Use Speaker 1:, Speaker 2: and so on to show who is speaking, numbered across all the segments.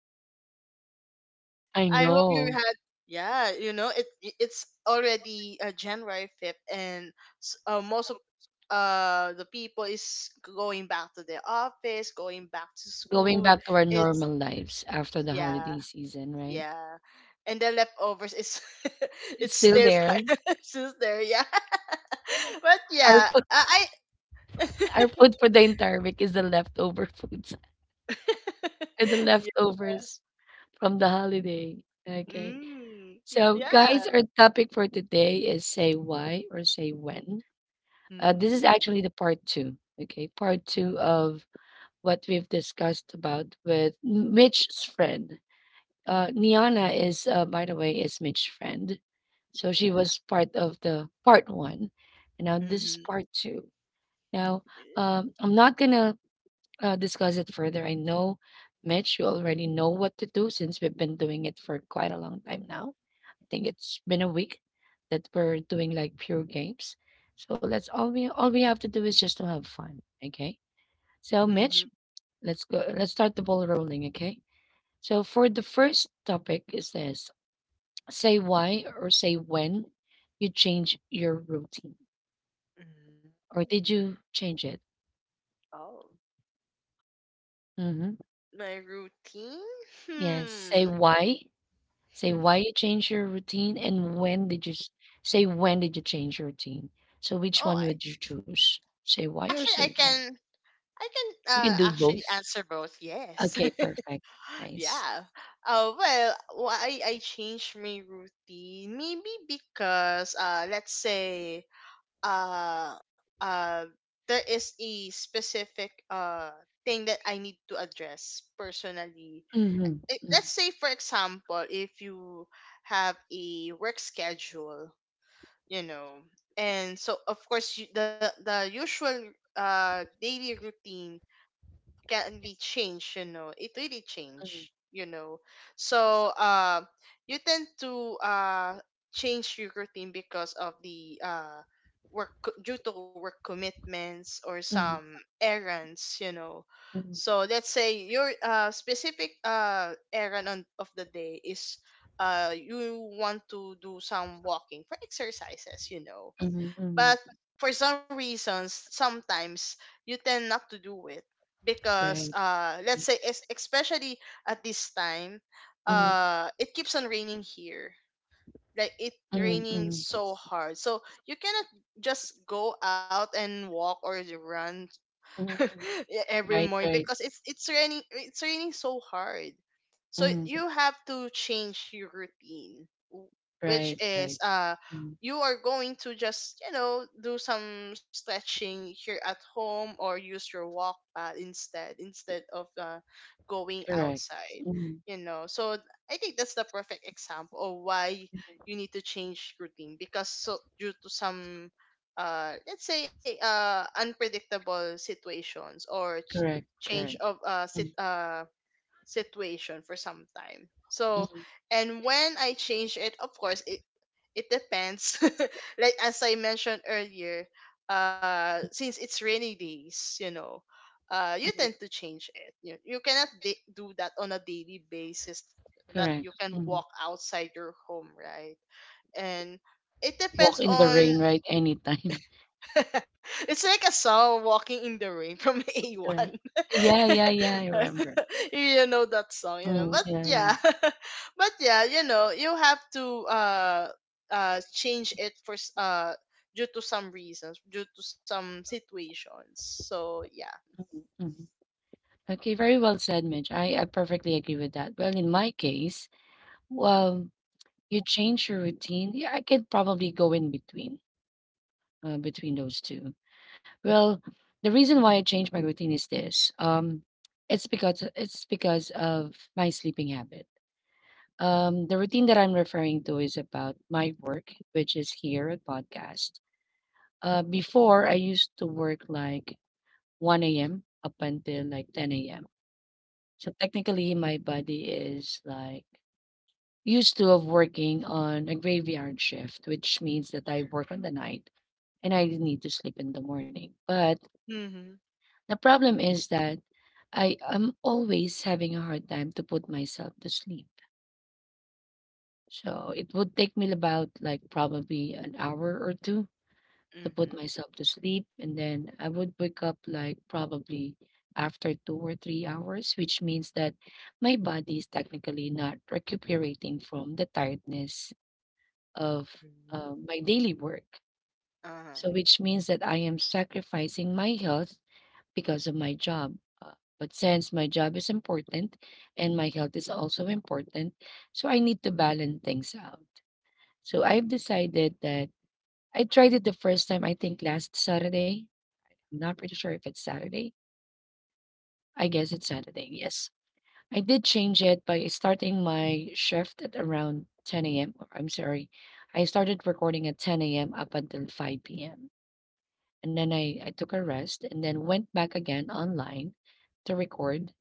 Speaker 1: Monday,
Speaker 2: I
Speaker 1: I hope you
Speaker 2: know.
Speaker 1: had yeah, it's already January 5th and most of the people is going back to their office, going back to
Speaker 2: Going
Speaker 1: school.
Speaker 2: back to our
Speaker 1: It's
Speaker 2: normal lives after the
Speaker 1: yeah,
Speaker 2: holiday season, right?
Speaker 1: yeah. And the leftovers is
Speaker 2: It's still there.
Speaker 1: it's still there, yeah. but
Speaker 2: Our
Speaker 1: yeah,
Speaker 2: food,
Speaker 1: I
Speaker 2: our food, for the entire week is the leftover foods and the
Speaker 1: yeah.
Speaker 2: leftovers from the holiday. Okay.
Speaker 1: Mm,
Speaker 2: So,
Speaker 1: yeah.
Speaker 2: guys, our topic for today is say why or say when. This is
Speaker 1: Mm,
Speaker 2: actually the part two. Okay, part two of what we've discussed about with Mitch's friend. Niana is, by the way, is Mitch's friend. So she
Speaker 1: yeah.
Speaker 2: was part of the part one. And now this is
Speaker 1: Mhm.
Speaker 2: part two. Now, I'm not gonna discuss it further. I know, Mitch, you already know what to do since we've been doing it for quite a long time now. I think it's been a week that we're doing like pure games. So let's all we have to do is just to have fun. Okay. So
Speaker 1: Mm,
Speaker 2: Mitch, let's go. Let's start the ball rolling. Okay. So for the first topic is this: say why or say when you change your routine,
Speaker 1: mhm.
Speaker 2: or did
Speaker 1: Mm.
Speaker 2: you change it?
Speaker 1: Oh,
Speaker 2: Mm-hmm.
Speaker 1: my routine?
Speaker 2: Yes.
Speaker 1: Hmm.
Speaker 2: Say why you change your routine, and when did you s- say when did you change your routine? So which
Speaker 1: Oh,
Speaker 2: one
Speaker 1: I,
Speaker 2: would you choose? Say why
Speaker 1: actually,
Speaker 2: or
Speaker 1: I
Speaker 2: say
Speaker 1: can.
Speaker 2: when? You can do
Speaker 1: Actually
Speaker 2: both.
Speaker 1: answer both. Yes.
Speaker 2: Okay, perfect. Nice.
Speaker 1: yeah. Well, why I changed my routine? Maybe because let's say uh uh there is a specific thing that I need to address personally.
Speaker 2: Mhm.
Speaker 1: Like,
Speaker 2: Mhm.
Speaker 1: let's say, for example, if you have a work schedule you know and so of course the usual daily routine can be changed, you know, it really changed, so you tend to change your routine because of the due to work commitments or
Speaker 2: Mhm.
Speaker 1: some errands,
Speaker 2: Mhm.
Speaker 1: so let's say your specific errand of the day is you want to do some walking for exercises,
Speaker 2: Mhm. Mhm.
Speaker 1: but for some reasons sometimes you tend not to do it because
Speaker 2: Right.
Speaker 1: let's say especially at this time
Speaker 2: Mhm.
Speaker 1: it keeps on raining here, like it
Speaker 2: Mhm.
Speaker 1: raining
Speaker 2: Mhm.
Speaker 1: so hard so you cannot just go out and walk or you run
Speaker 2: Mhm.
Speaker 1: every
Speaker 2: Right,
Speaker 1: morning because
Speaker 2: right.
Speaker 1: it's raining, it's raining so hard, so
Speaker 2: Mm,
Speaker 1: you have to change your routine which
Speaker 2: right, right.
Speaker 1: is
Speaker 2: Mm,
Speaker 1: you are going to just, you know, do some stretching here at home or use your walk pad instead, instead of going
Speaker 2: correct.
Speaker 1: outside,
Speaker 2: Mm,
Speaker 1: so I think that's the perfect example of why you need to change routine because, due to some let's say unpredictable situations or
Speaker 2: correct,
Speaker 1: change
Speaker 2: correct.
Speaker 1: of
Speaker 2: Mm,
Speaker 1: situation for some time. So,
Speaker 2: mm,
Speaker 1: and when I change it, of course, it depends. Like as I mentioned earlier,
Speaker 2: mm,
Speaker 1: since it's rainy days, you tend
Speaker 2: mm,
Speaker 1: to change it. You cannot do that on a daily basis that you
Speaker 2: correct.
Speaker 1: can
Speaker 2: Mm.
Speaker 1: walk outside your home, right? And it
Speaker 2: Walk
Speaker 1: depends
Speaker 2: in the
Speaker 1: on
Speaker 2: rain, right? Anytime.
Speaker 1: it's like a song walking in the rain from A1.
Speaker 2: Correct. Yeah, yeah, yeah, I remember.
Speaker 1: You know that song, you know.
Speaker 2: Mm,
Speaker 1: But
Speaker 2: yeah, yeah.
Speaker 1: yeah. But yeah, you know, you have to change it for due to some reasons, due to some situations. So yeah.
Speaker 2: Mhm, mhm. Okay, very well said, Mitch. I perfectly agree with that. Well, in my case, well, you change your routine. Yeah, I could probably go in between those two. Well, the reason why I changed my routine is this. It's because of my sleeping habit. The routine that I'm referring to is about my work, which is here at podcast. Before I used to work like 1 a.m. up until like 10 AM. So technically, my body is like used to of working on a graveyard shift, which means that I work on the night and I need to sleep in the morning. But
Speaker 1: Mhm.
Speaker 2: the problem is that I am always having a hard time to put myself to sleep. So it would take me about like probably an hour or two to put
Speaker 1: Mhm.
Speaker 2: myself to sleep. And then I would wake up like probably after 2 or 3 hours, which means that my body is technically not recuperating from the tiredness of
Speaker 1: Mm.
Speaker 2: my daily work.
Speaker 1: Uh-huh.
Speaker 2: So, which means that I am sacrificing my health because of my job. But since my job is important and my health is also important, so I need to balance things out. So I've decided that I tried it the first time, I think last Saturday. I'm not pretty sure if it's Saturday. I guess it's Saturday, yes. I did change it by starting my shift at around 10 a.m. Or I'm sorry, I started recording at 10 a.m. up until 5 p.m. And then I took a rest and then went back again online to record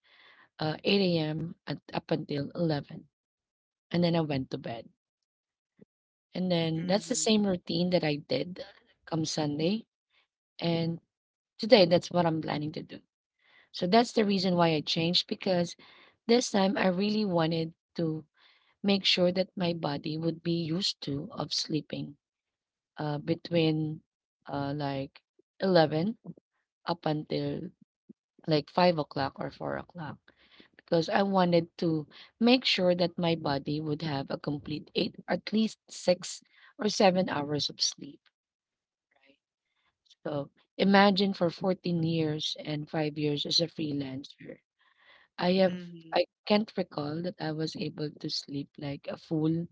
Speaker 2: 8 a.m. Up until 11. And then I went to bed. And then that's the
Speaker 1: Mhm.
Speaker 2: same routine that I did come Sunday. And today, that's what I'm planning to do. So that's the reason why I changed, because this time I really wanted to make sure that my body would be used to of sleeping between like 11 up until like 5 o'clock or 4 o'clock, because I wanted to make sure that my body would have a complete 8, at least 6 or 7 hours of sleep. Right. So imagine for 14 years and 5 years as a freelancer I have
Speaker 1: Mhm.
Speaker 2: I can't recall that I was able to sleep like a full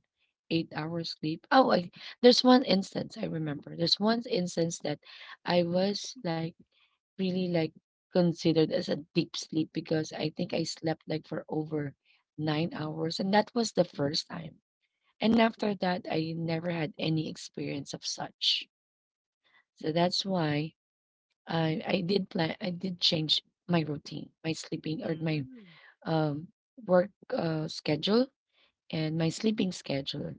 Speaker 2: 8 hours sleep. Oh, there's one instance I remember. There's one instance that I was like really like considered as a deep sleep, because I think I slept like for over 9 hours and that was the first time. And after that I never had any experience of such. So that's why I did change my routine, my sleeping, or my
Speaker 1: Mhm.
Speaker 2: um, work schedule and my sleeping schedule.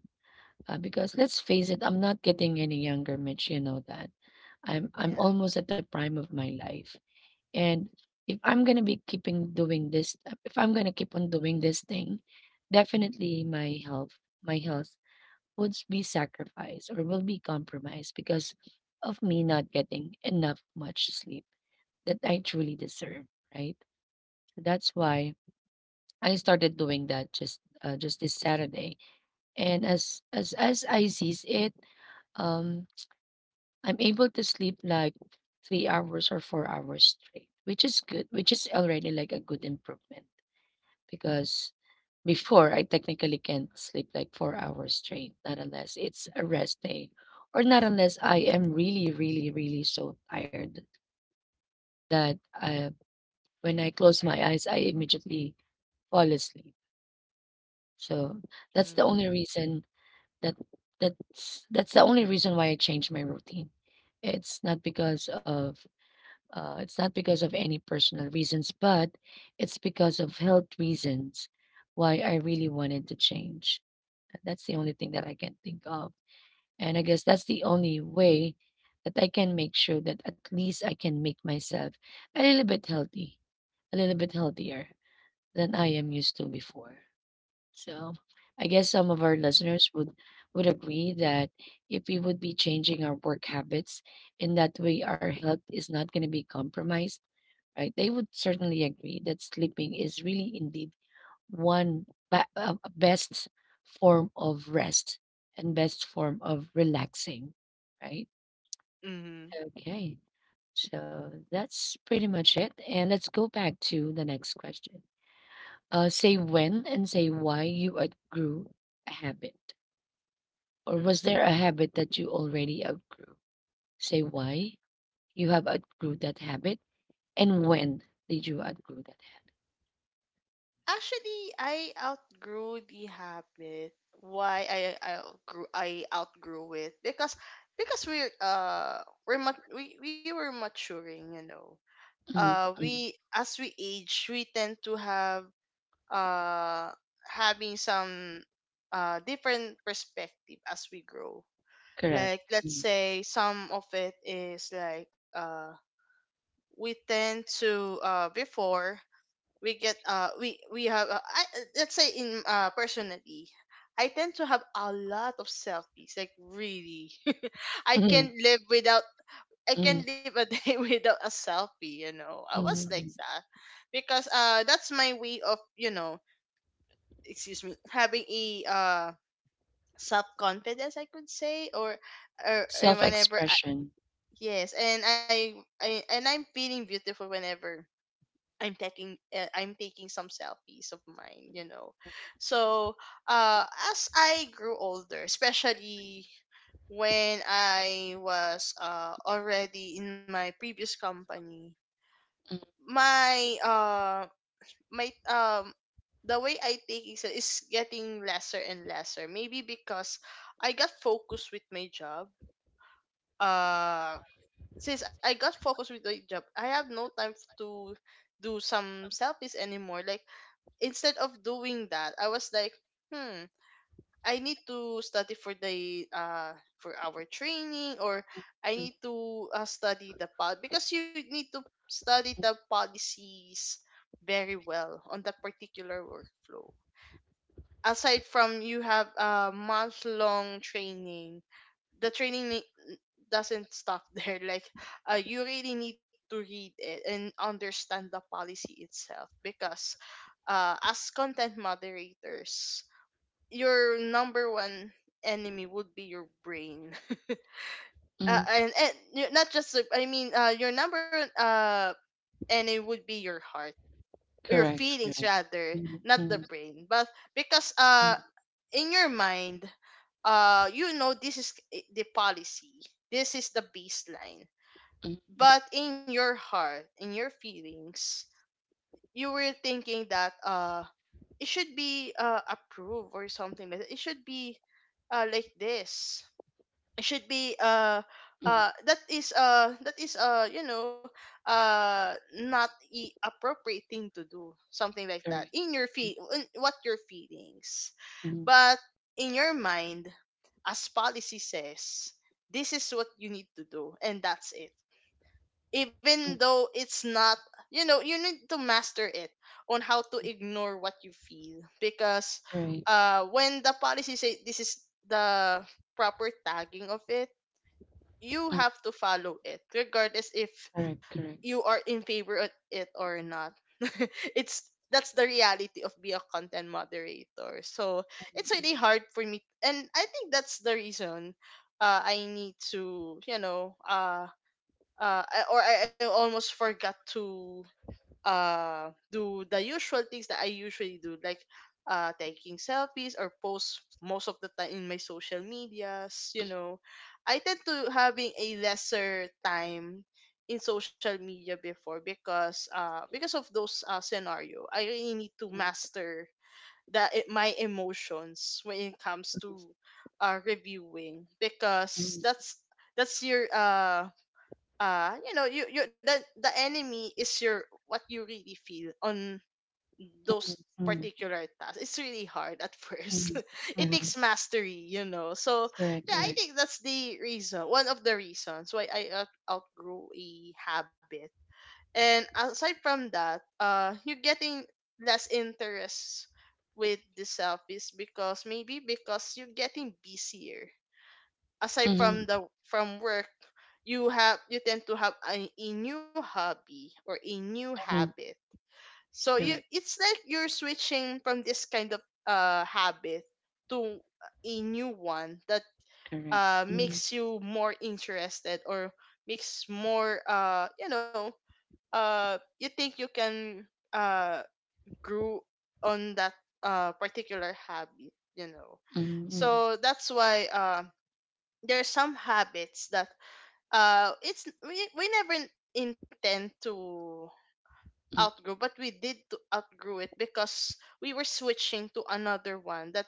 Speaker 2: Because let's face it, I'm not getting any younger, Mitch. You know that. I'm
Speaker 1: Yeah.
Speaker 2: almost at the prime of my life, and if I'm gonna be keeping doing this, if I'm gonna keep on doing this thing, definitely my health would be sacrificed or will be compromised because of me not getting enough much sleep that I truly deserve. Right. So that's why I started doing that just this Saturday, and as I sees it, um, I'm able to sleep like 3 hours or 4 hours straight, which is good, which is already like a good improvement, because before I technically can't sleep like 4 hours straight, not unless it's a rest day, or not unless I am really, really, really so tired that when I close my eyes, I immediately fall asleep. So that's the only
Speaker 1: Mhm.
Speaker 2: reason. That that's the only reason why I changed my routine. It's not because of it's not because of any personal reasons, but it's because of health reasons why I really wanted to change. That's the only thing that I can think of. And I guess that's the only way that I can make sure that at least I can make myself a little bit healthy, a little bit healthier than I am used to before. So, I guess some of our listeners would agree that if we would be changing our work habits, in that way our health is not going to be compromised, right? They would certainly agree that sleeping is really indeed one best form of rest and best form of relaxing, right?
Speaker 1: Mhm.
Speaker 2: Okay. So, that's pretty much it, and let's go back to the next question. Say when and say why you outgrew a habit. Or was
Speaker 1: Mhm.
Speaker 2: there a habit that you already outgrew? Say why you have outgrew that habit, and when did you outgrew that
Speaker 1: Actually, I outgrew the habit. Why I outgrew it because we we were maturing, you know.
Speaker 2: habit? Mhm, mhm,
Speaker 1: We, as we age, we tend to have uh having some different perspective as we grow.
Speaker 2: correct.
Speaker 1: Like let's
Speaker 2: Mhm,
Speaker 1: say some of it is like we tend to before we get we have I, let's say in personally I tend to have a lot of selfies, like really. I can
Speaker 2: mhm,
Speaker 1: live without, I can
Speaker 2: mhm,
Speaker 1: live a day without a selfie, you know, I was like
Speaker 2: mhm.
Speaker 1: that because that's my way of, you know, excuse me, having a self confidence, I could say, or whenever
Speaker 2: Self-expression.
Speaker 1: yes, and I'm feeling beautiful whenever I'm taking some selfies of mine, you know. So, uh as I grew older, especially when I was already in my previous company,
Speaker 2: Mhm,
Speaker 1: my my the way I take it is getting lesser and lesser. Maybe because I got focused with my job. Uh since I got focused with my job, I have no time to do some selfies anymore. Like instead of doing that, I was like, hmm, I need to study for the for our training, or I
Speaker 2: mhm,
Speaker 1: need to study the pod because you need to study the policies very well on that particular workflow. Aside from you have a month long training, the training doesn't stop there. Like, you really need to read it and understand the policy itself because, as content moderators, your number one enemy would be your brain.
Speaker 2: mhm.
Speaker 1: And y- not just, the- I mean, your number one enemy would be your heart, or your
Speaker 2: Correct,
Speaker 1: feelings
Speaker 2: correct.
Speaker 1: rather,
Speaker 2: Mhm,
Speaker 1: not the
Speaker 2: mhm,
Speaker 1: brain. But because,
Speaker 2: mhm,
Speaker 1: in your mind, you know this is the policy, this is the baseline.
Speaker 2: mhm, mhm,
Speaker 1: But in your heart, in your feelings, you were thinking that it should be approved or something like that. It should be like this. It should be
Speaker 2: mhm.
Speaker 1: that is you know not appropriate thing to do something like that
Speaker 2: Correct.
Speaker 1: in your
Speaker 2: Mhm,
Speaker 1: feel, in what your feelings,
Speaker 2: mhm,
Speaker 1: but in your mind, as policy says, this is what you need to do and that's it, even
Speaker 2: mhm.
Speaker 1: though it's not, you know, you need to master it on how to ignore what you feel because
Speaker 2: Right.
Speaker 1: when the policy say this is the proper tagging of it, you
Speaker 2: Mhm,
Speaker 1: have to follow it regardless if
Speaker 2: correct, correct.
Speaker 1: you are in favor of it or not. it's that's the reality of being a content moderator. So it's
Speaker 2: Mhm,
Speaker 1: really hard for me and I think that's the reason, I need to, you know, I almost forgot to do the usual things that I usually do, like taking selfies or post most of the time in my social medias, you know. I tend to having a lesser time in social media before because of those scenario, I really need to master my emotions when it comes to reviewing because
Speaker 2: mhm,
Speaker 1: that's your you know, the enemy is your what you really feel on those
Speaker 2: mhm, mhm,
Speaker 1: particular tasks. It's really hard at
Speaker 2: mhm,
Speaker 1: first.
Speaker 2: mhm.
Speaker 1: It
Speaker 2: Uh-huh.
Speaker 1: takes mastery, you know. So
Speaker 2: Correct,
Speaker 1: yeah, I
Speaker 2: correct.
Speaker 1: think that's the reason, one of the reasons why I outgrew a habit. And aside from that, you're getting less interest with the selfies because maybe because you're getting busier. Aside from
Speaker 2: Mhm,
Speaker 1: the, from work, you have, you tend to have a new hobby or a new
Speaker 2: mhm.
Speaker 1: habit, so you,
Speaker 2: Correct,
Speaker 1: it's like you're switching from this kind of habit to a new one that
Speaker 2: correct. Mhm,
Speaker 1: makes you more interested or makes more, you know, you think you can uh grow on that particular habit, you know.
Speaker 2: mhm, mhm.
Speaker 1: So that's why there are some habits that it's we never intend to outgrow, but we did to outgrow it because we were switching to another one that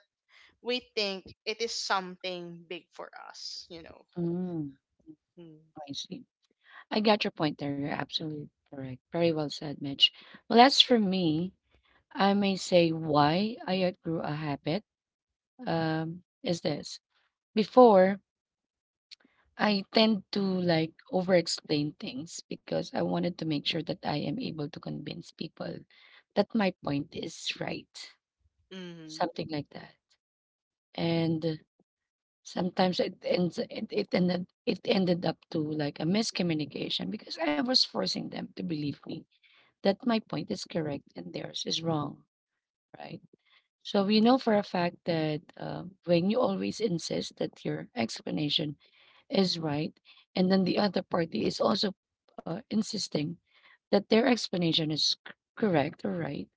Speaker 1: we think it is something big for us, you know.
Speaker 2: Mhm.
Speaker 1: Mm.
Speaker 2: I see. I got your point there. You're absolutely correct. Very well said, Mitch. Well, as for me, I may say why I outgrew a habit is this. Before, I tend to like over explain things, because I wanted to make sure that I am able to convince people that my point is right,
Speaker 1: Hmm.
Speaker 2: something like that. And sometimes it ends it it ended up to like a miscommunication, because I was forcing them to believe me that my point is correct and theirs is wrong, right? So we know for a fact that when you always insist that your explanation is right, and then the other party is also insisting that their explanation is correct or right,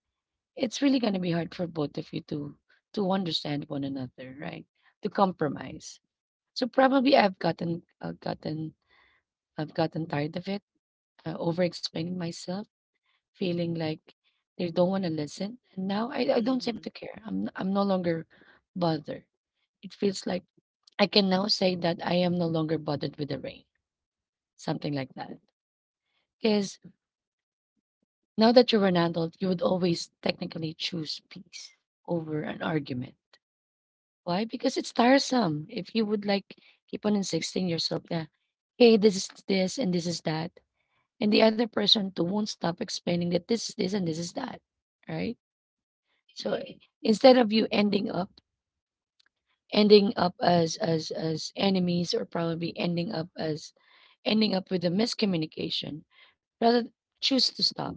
Speaker 2: it's really going to be hard for both of you to understand one another, right? To compromise. So probably I've gotten tired of it, over explaining myself, feeling like they don't want to listen. And now I don't seem
Speaker 1: Hmm.
Speaker 2: to care. I'm no longer bothered. It feels like I can now say that I am no longer bothered with the rain, something like that. Because now that you're an adult, you would always technically choose peace over an argument. Why? Because it's tiresome. If you would like keep on insisting yourself that, hey, this is this and this is that, and the other person too won't stop explaining that this is this and this is that, right? So instead of you ending up as enemies, or probably ending up as ending up with a miscommunication, rather choose to stop.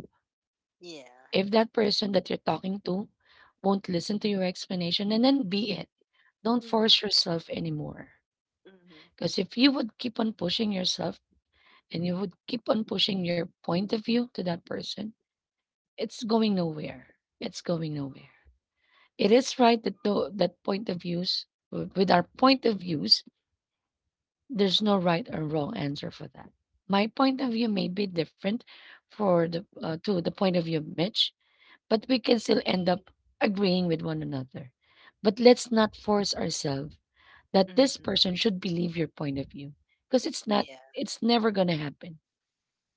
Speaker 1: Yeah.
Speaker 2: If that person that you're talking to won't listen to your explanation, and then be it, don't
Speaker 1: Hmm.
Speaker 2: force yourself anymore.
Speaker 1: Hmm.
Speaker 2: Because if you would keep on pushing yourself, and you would keep on pushing your point of view to that person, it's going nowhere. It's going nowhere. It is right that though that point of views, with our point of views, there's no right or wrong answer for that. My point of view may be different for the to the point of view of Mitch, but we can still end up agreeing with one another. But let's not force ourselves that this
Speaker 1: Hmm.
Speaker 2: person should believe your point of view, because it's not,
Speaker 1: Yeah.
Speaker 2: it's never going to happen.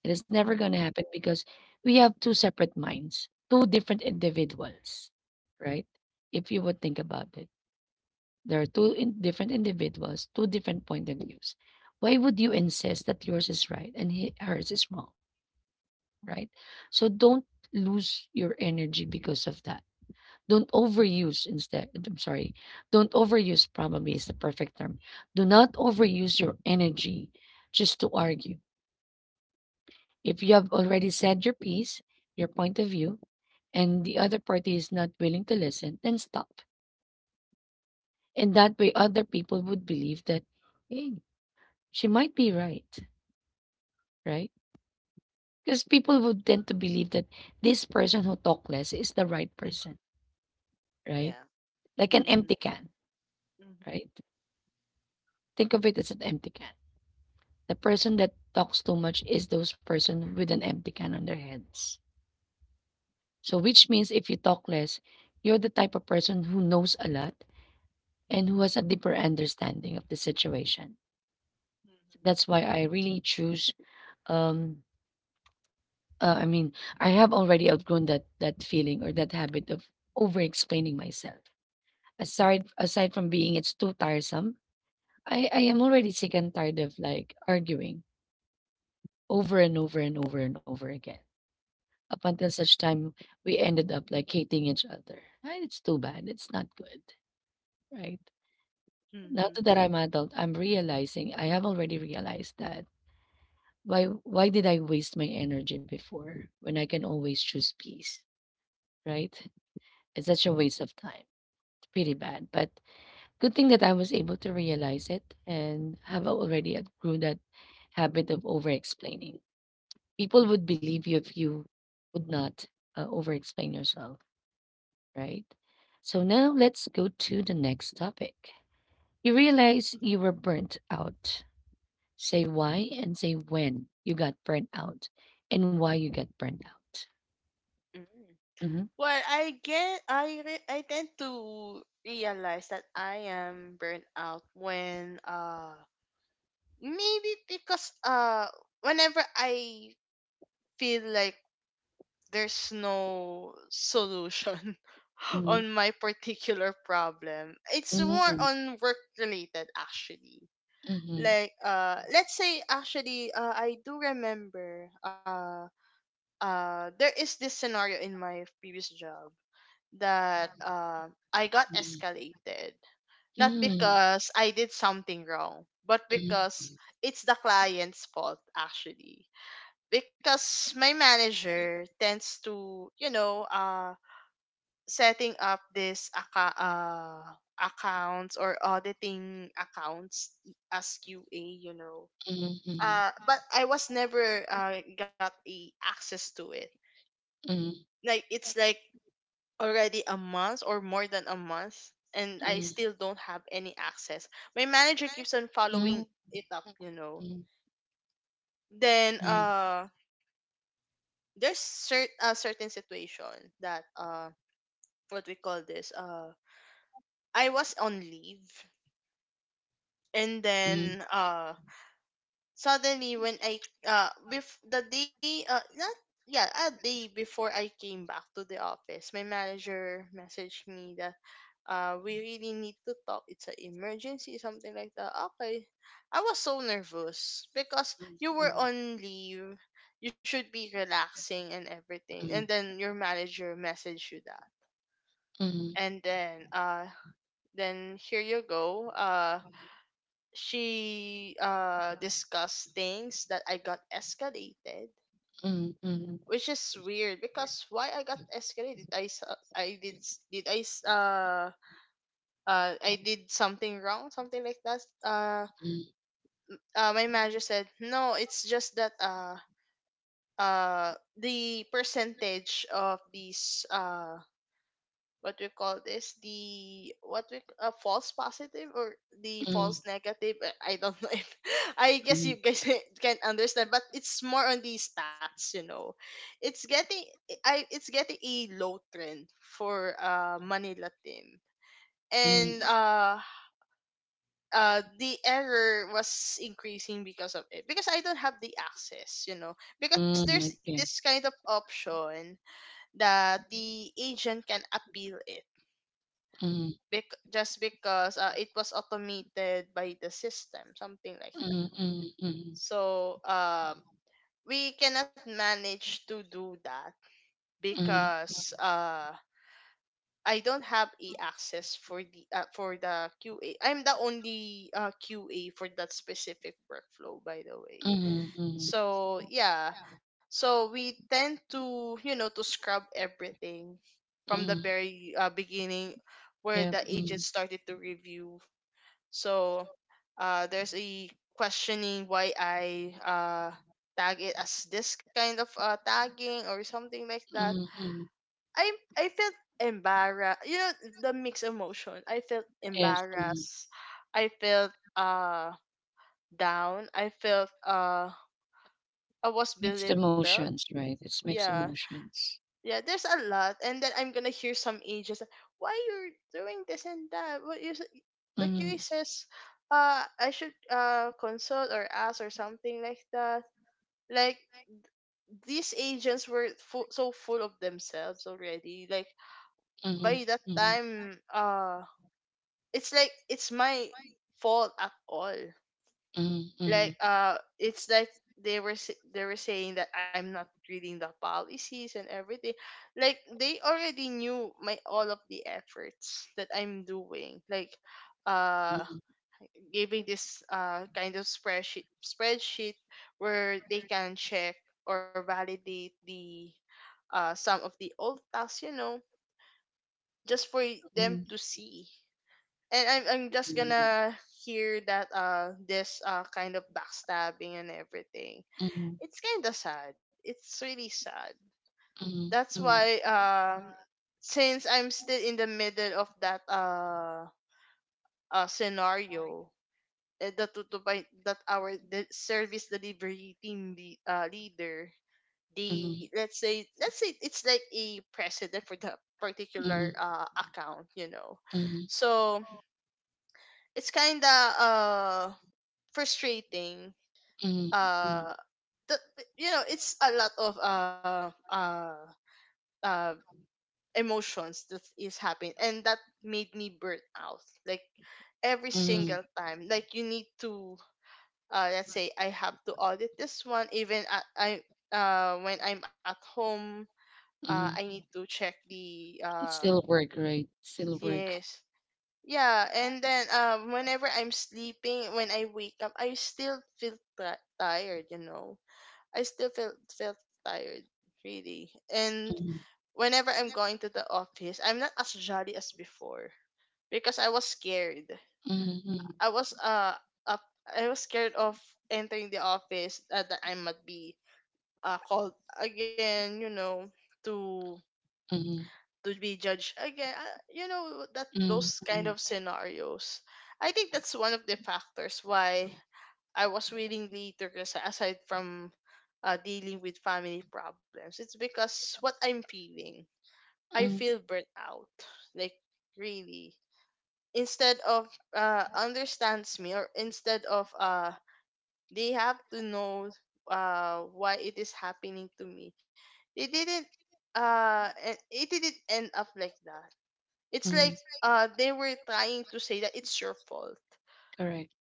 Speaker 2: It is never
Speaker 1: Hmm.
Speaker 2: going to happen, because we have two separate minds, two different individuals, right? If you would think about it, there are two different individuals, two different point of views. Why would you insist that yours is right and hers is wrong, right? So don't lose your energy because of that. Don't overuse instead. I'm sorry. Don't overuse probably is the perfect term. Do not overuse your energy just to argue. If you have already said your piece, your point of view, and the other party is not willing to listen, then stop. And that way, other people would believe that, hey, she might be right, right? Because people would tend to believe that this person who talk less is the right
Speaker 1: Hmm.
Speaker 2: person, right?
Speaker 1: Yeah.
Speaker 2: Like an
Speaker 1: Hmm. Hmm.
Speaker 2: empty can, right? Think of it as an empty can. The person that talks too much is those person with an empty can on their heads. So, which means if you talk less, you're the type of person who knows a lot and who has a deeper understanding of the situation. That's why I really choose. Um, uh, I mean, I have already outgrown that feeling or that habit of over explaining myself. Aside from being it's too tiresome, I am already sick and tired of like arguing over and over and over and over again. Up until such time, we ended up like hating each other. And it's too bad. It's not good, right? Now
Speaker 1: Mm-hmm.
Speaker 2: that I'm adult, I'm realizing I have already realized that why did I waste my energy before when I can always choose peace, right? It's such a waste of time. It's pretty bad. But good thing that I was able to realize it and have already outgrew that habit of over explaining. People would believe you if you would not over explain yourself, right? So now let's go to the next topic. You realize you were burnt out. Say why and say when you got burnt out and why you got burnt out.
Speaker 1: Hmm. Hmm.
Speaker 2: Mm-hmm.
Speaker 1: Well, I tend to realize that I am burnt out when, maybe because, whenever I feel like there's no solution
Speaker 2: Mhm,
Speaker 1: on my particular problem. It's more
Speaker 2: mhm,
Speaker 1: on work related, actually.
Speaker 2: mhm,
Speaker 1: Like, let's say, actually, I do remember, there is this scenario in my previous job that, I got
Speaker 2: mhm, mhm.
Speaker 1: escalated. Not
Speaker 2: Mhm,
Speaker 1: because I did something wrong, but
Speaker 2: mhm.
Speaker 1: because it's the client's fault, actually. Because my manager tends to, you know, setting up this accounts or auditing accounts as QA, you know.
Speaker 2: Mm, mm.
Speaker 1: But I was never, got a access to it.
Speaker 2: Mm,
Speaker 1: Like it's like already a month or more than a month and I
Speaker 2: mm,
Speaker 1: still don't have any access. My manager keeps on following
Speaker 2: mm,
Speaker 1: it up, you know.
Speaker 2: mm,
Speaker 1: Then there's a certain situation that, what we call this I was on leave and
Speaker 2: mm,
Speaker 1: then suddenly when I bef- the day not yeah, a day before I came back to the office, my manager messaged me that we really need to talk. It's an emergency, something like that. Okay, I was so nervous because
Speaker 2: mm,
Speaker 1: you were
Speaker 2: mm.
Speaker 1: on leave. You should be relaxing and everything, and
Speaker 2: Mm,
Speaker 1: then your manager messaged you that,
Speaker 2: mm.
Speaker 1: and then here you go. She discussed things that I got escalated,
Speaker 2: Mm,
Speaker 1: which is weird because why I got escalated? I s- I did s- did I s- I did something wrong, something like that. My manager said no. It's just that uh the percentage of these what we call this the what we a false positive or the
Speaker 2: mm,
Speaker 1: false negative, I don't know if I guess
Speaker 2: mm,
Speaker 1: you guys can understand, but it's more on the stats, you know. It's getting I it's getting a low trend for Manila team, and
Speaker 2: mm,
Speaker 1: uh uh the error was increasing because of it, because I don't have the access, you know, because there's
Speaker 2: Mm, okay.
Speaker 1: this kind of option that the agent can appeal it,
Speaker 2: Mm,
Speaker 1: just because it was automated by the system, something like that.
Speaker 2: mm, mm, mm,
Speaker 1: So, we cannot manage to do that
Speaker 2: mm,
Speaker 1: because, I don't have a access for the, for the QA. I'm the only, QA for that specific workflow, by the way.
Speaker 2: mm, mm,
Speaker 1: So yeah, so we tend to, you know, to scrub everything from the
Speaker 2: mm.
Speaker 1: very, beginning where
Speaker 2: Yep.
Speaker 1: the agent
Speaker 2: Mm,
Speaker 1: started to review. So, there's a questioning why I, tag it as this kind of, tagging or something like that.
Speaker 2: mm, mm.
Speaker 1: I I felt embarrassed. You know, the mixed emotion. I felt
Speaker 2: Yes. Mm.
Speaker 1: embarrassed. I felt down. I felt I was
Speaker 2: Mixed
Speaker 1: belittled.
Speaker 2: emotions, right? It's mixed
Speaker 1: Yeah,
Speaker 2: emotions.
Speaker 1: yeah, there's a lot, and then I'm gonna hear some ages. Why you're doing this and that? What you the QA
Speaker 2: Mm,
Speaker 1: says? I should consult or ask or something like that. Like, these agents were so full of themselves already. Like,
Speaker 2: mm,
Speaker 1: by that
Speaker 2: mm,
Speaker 1: time, it's like it's my fault at all.
Speaker 2: mm,
Speaker 1: Like
Speaker 2: mm,
Speaker 1: it's like they were saying that I'm not reading the policies and everything. Like, they already knew my all of the efforts that I'm doing. Like, uh giving this kind of spreadsheet where they can check or validate the, some of the old tasks, you know, just for them
Speaker 2: mm.
Speaker 1: to see. And I'm just
Speaker 2: Yeah.
Speaker 1: gonna hear that this kind of backstabbing and everything.
Speaker 2: Mm,
Speaker 1: It's kind of sad. It's really sad.
Speaker 2: mm,
Speaker 1: That's
Speaker 2: mm,
Speaker 1: why, since I'm still in the middle of that scenario eh, that to by, that our the service delivery team leader, the,
Speaker 2: mm,
Speaker 1: let's say, let's say it's like a president for the particular
Speaker 2: mm,
Speaker 1: account, you know.
Speaker 2: mm,
Speaker 1: So it's kind of frustrating,
Speaker 2: mm, mm,
Speaker 1: uh that, you know, it's a lot of uh emotions that is happening, and that made me burn out. Like, every
Speaker 2: mm.
Speaker 1: single time, like, you need to, let's say I have to audit this one even at, I when I'm at home, I
Speaker 2: Mm,
Speaker 1: need to check the
Speaker 2: still work, right? Still work.
Speaker 1: yes. Yeah, and then, whenever I'm sleeping, when I wake up, I still feel ti tired, you know. I still feel felt tired, really. And
Speaker 2: Mm,
Speaker 1: whenever I'm going to the office, I'm not as jolly as before because I was scared.
Speaker 2: mm, mm,
Speaker 1: I was up, I was scared of entering the office, that I might be called again, you know, to
Speaker 2: mm,
Speaker 1: to be judged again. You know, that
Speaker 2: mm,
Speaker 1: those kind
Speaker 2: mm,
Speaker 1: of scenarios. I think that's one of the factors why I was willingly to resign, aside from, dealing with family problems. It's because what I'm feeling, I
Speaker 2: mm,
Speaker 1: feel burnt out. Like, really. Instead of understands me, or instead of they have to know why it is happening to me, they didn't uh e- it didn't end up like that. It's like
Speaker 2: mm.
Speaker 1: they were trying to say that it's your fault,
Speaker 2: Correct.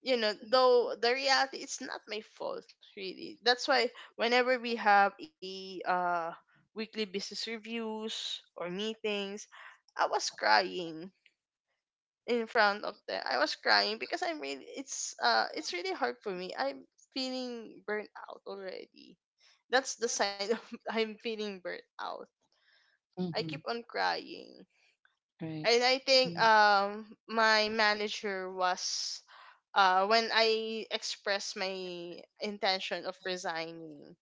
Speaker 1: you know, though the reality it's not my fault, really. That's why whenever we have a weekly business reviews or meetings, I was crying in front of them. I was crying because I'm really it's really hard for me. I'm feeling burnt out already. That's the sign of I'm feeling burnt out. I
Speaker 2: Mhm,
Speaker 1: keep on crying.
Speaker 2: right.
Speaker 1: And I think,
Speaker 2: Mm,
Speaker 1: my manager was when I expressed my intention of resigning,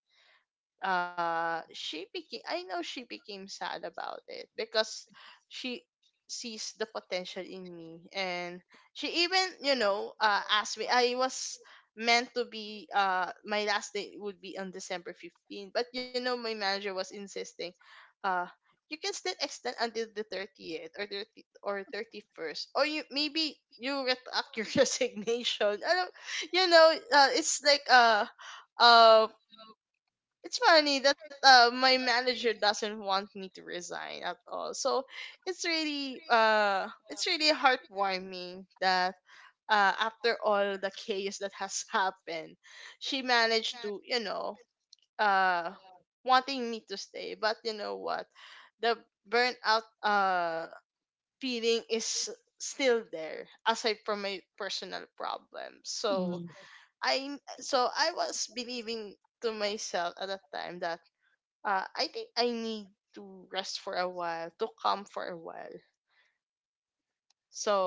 Speaker 1: she became, I know she became sad about it, because she sees the potential in me, and she even, you know, asked me. I was meant to be, my last day would be on December 15th, but you know, my manager was insisting, uh you can still extend until the 30th or 30 or 31st, or you maybe you retract your resignation. I don't, you know, it's like um it's funny that, my manager doesn't want me to resign at all. So it's really heartwarming that, after all the chaos that has happened, she managed to, you know, uh wanting me to stay. But you know what? The burnout feeling is still there, aside from my personal problems.
Speaker 2: mm,
Speaker 1: So I was believing to myself at that time that, I think I need to rest for a while, to calm for a while.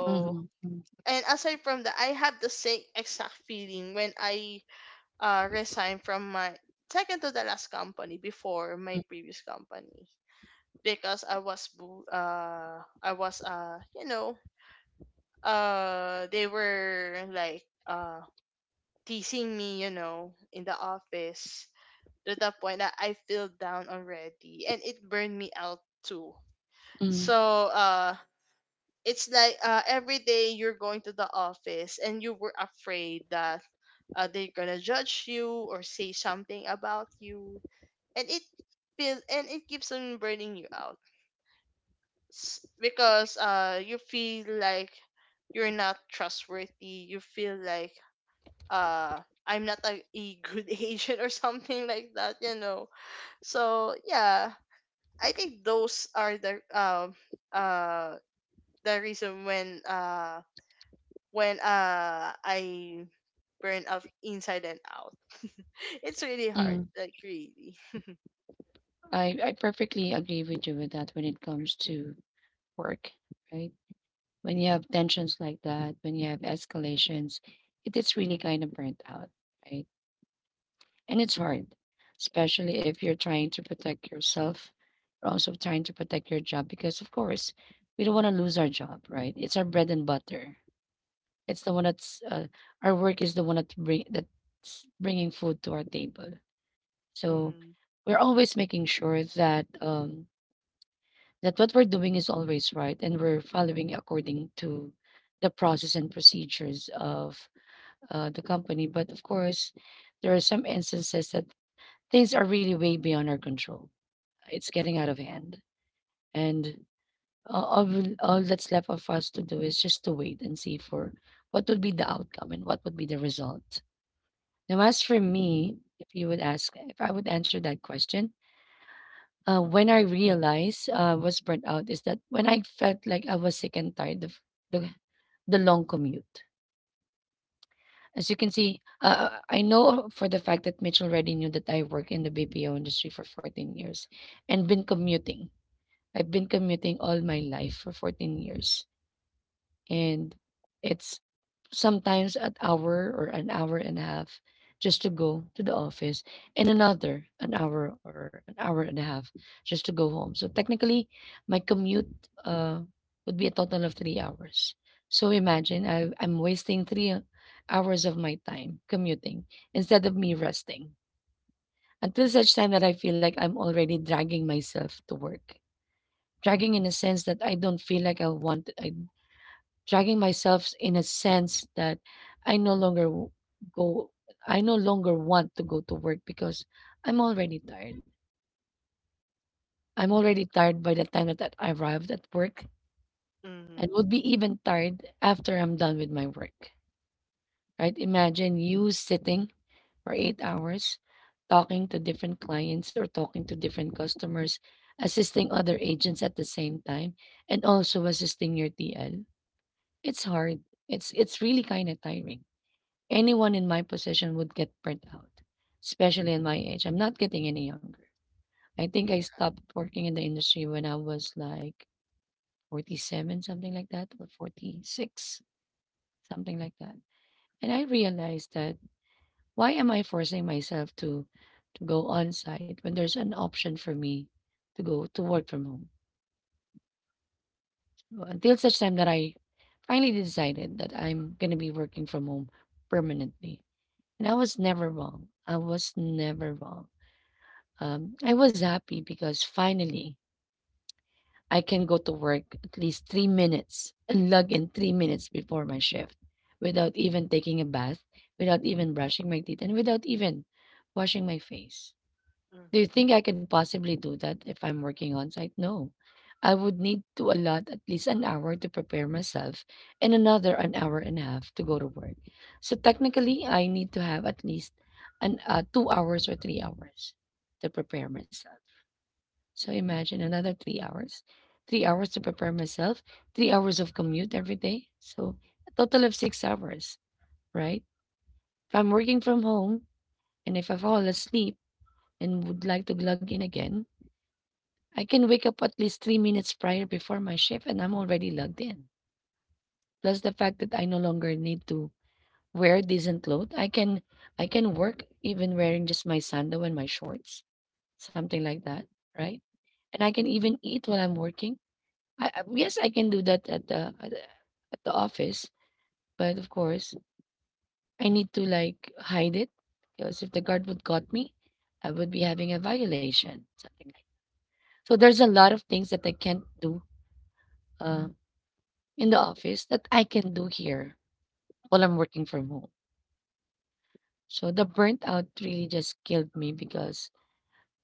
Speaker 2: mhm, mm,
Speaker 1: and aside from that, I have the same exact feeling when I, resigned from my second to the last company before
Speaker 2: mm,
Speaker 1: my previous company, because I was I was you know they were like teasing me, you know, in the office, to the point that I feel down already, and it burned me out too.
Speaker 2: mm,
Speaker 1: So it's like, every day you're going to the office and you were afraid that, they're gonna judge you or say something about you, and it feel and it keeps on burning you out. Because you feel like you're not trustworthy, you feel like uh I'm not a, a good agent or something like that, you know. So yeah, I think those are the, uh the reason when I burn up inside and out. It's really hard,
Speaker 2: mm.
Speaker 1: like, really.
Speaker 2: I perfectly agree with you with that when it comes to work, right? When you have tensions like that, when you have escalations, it is really kind of burnt out, right? And it's hard, especially if you're trying to protect yourself, you're also trying to protect your job because, of course, we don't want to lose our job, right? It's our bread and butter. It's the one that's our work is the one that's bringing food to our table. So
Speaker 1: Mm-hmm.
Speaker 2: we're always making sure that that what we're doing is always right, and we're following according to the process and procedures of the company. But of course, there are some instances that things are really way beyond our control. It's getting out of hand, and all that's left of us to do is just to wait and see for what would be the outcome and what would be the result. Now, as for me, if you would ask, if I would answer that question, when I realized I was burnt out is that when I felt like I was sick and tired of the, the long commute. As you can see, I know for the fact that Mitch already knew that I work in the BPO industry for 14 years and been commuting. I've been commuting all my life for 14 years. And it's sometimes at hour or an hour and a half just to go to the office, and another an hour or an hour and a half just to go home. So technically, my commute uh, would be a total of 3 hours. So imagine I'm wasting 3 hours of my time commuting instead of me resting, until such time that I feel like I'm already dragging myself to work. Dragging in a sense that I don't feel like I want I dragging myself in a sense that I no longer w- go I no longer want to go to work because I'm already tired. I'm already tired by the time that I arrived at work, and
Speaker 1: Mm-hmm.
Speaker 2: would be even tired after I'm done with my work. Right? Imagine you sitting for 8 hours talking to different clients or talking to different customers, assisting other agents at the same time, and also assisting your TL. It's hard. It's really kind of tiring. Anyone in my position would get burnt out, especially in my age. I'm not getting any younger. I think I
Speaker 1: Yeah.
Speaker 2: stopped working in the industry when I was like 47, something like that, or 46, something like that. And I realized that why am I forcing myself to go on site when there's an option for me to go to work from home? Well, until such time that I finally decided that I'm gonna be working from home permanently. And I was never wrong. I was never wrong. I was happy because finally I can go to work at least 3 minutes and log in 3 minutes before my shift, without even taking a bath, without even brushing my teeth, and without even washing my face. Do you
Speaker 1: Mm-hmm.
Speaker 2: think I can possibly do that if I'm working on site? No. I would need to allot at least an hour to prepare myself, and another an hour and a half to go to work. So technically, I need to have at least an 2 hours or 3 hours to prepare myself. So imagine another 3 hours. 3 hours to prepare myself, 3 hours of commute every day. So a total of 6 hours, right? If I'm working from home and if I fall asleep and would like to log in again, I can wake up at least 3 minutes prior before my shift and I'm already logged in. Plus the fact that I no longer need to wear decent clothes. I can work even wearing just my sandal and my shorts, something like that, right? And I can even eat while I'm working. I yes, I can do that at the at the office, but of course, I need to like hide it because if the guard would caught me, I would be having a violation, something like. So there's a lot of things that I can't do uh, in the office that I can do here while I'm working from home. So the burnt out really just killed me because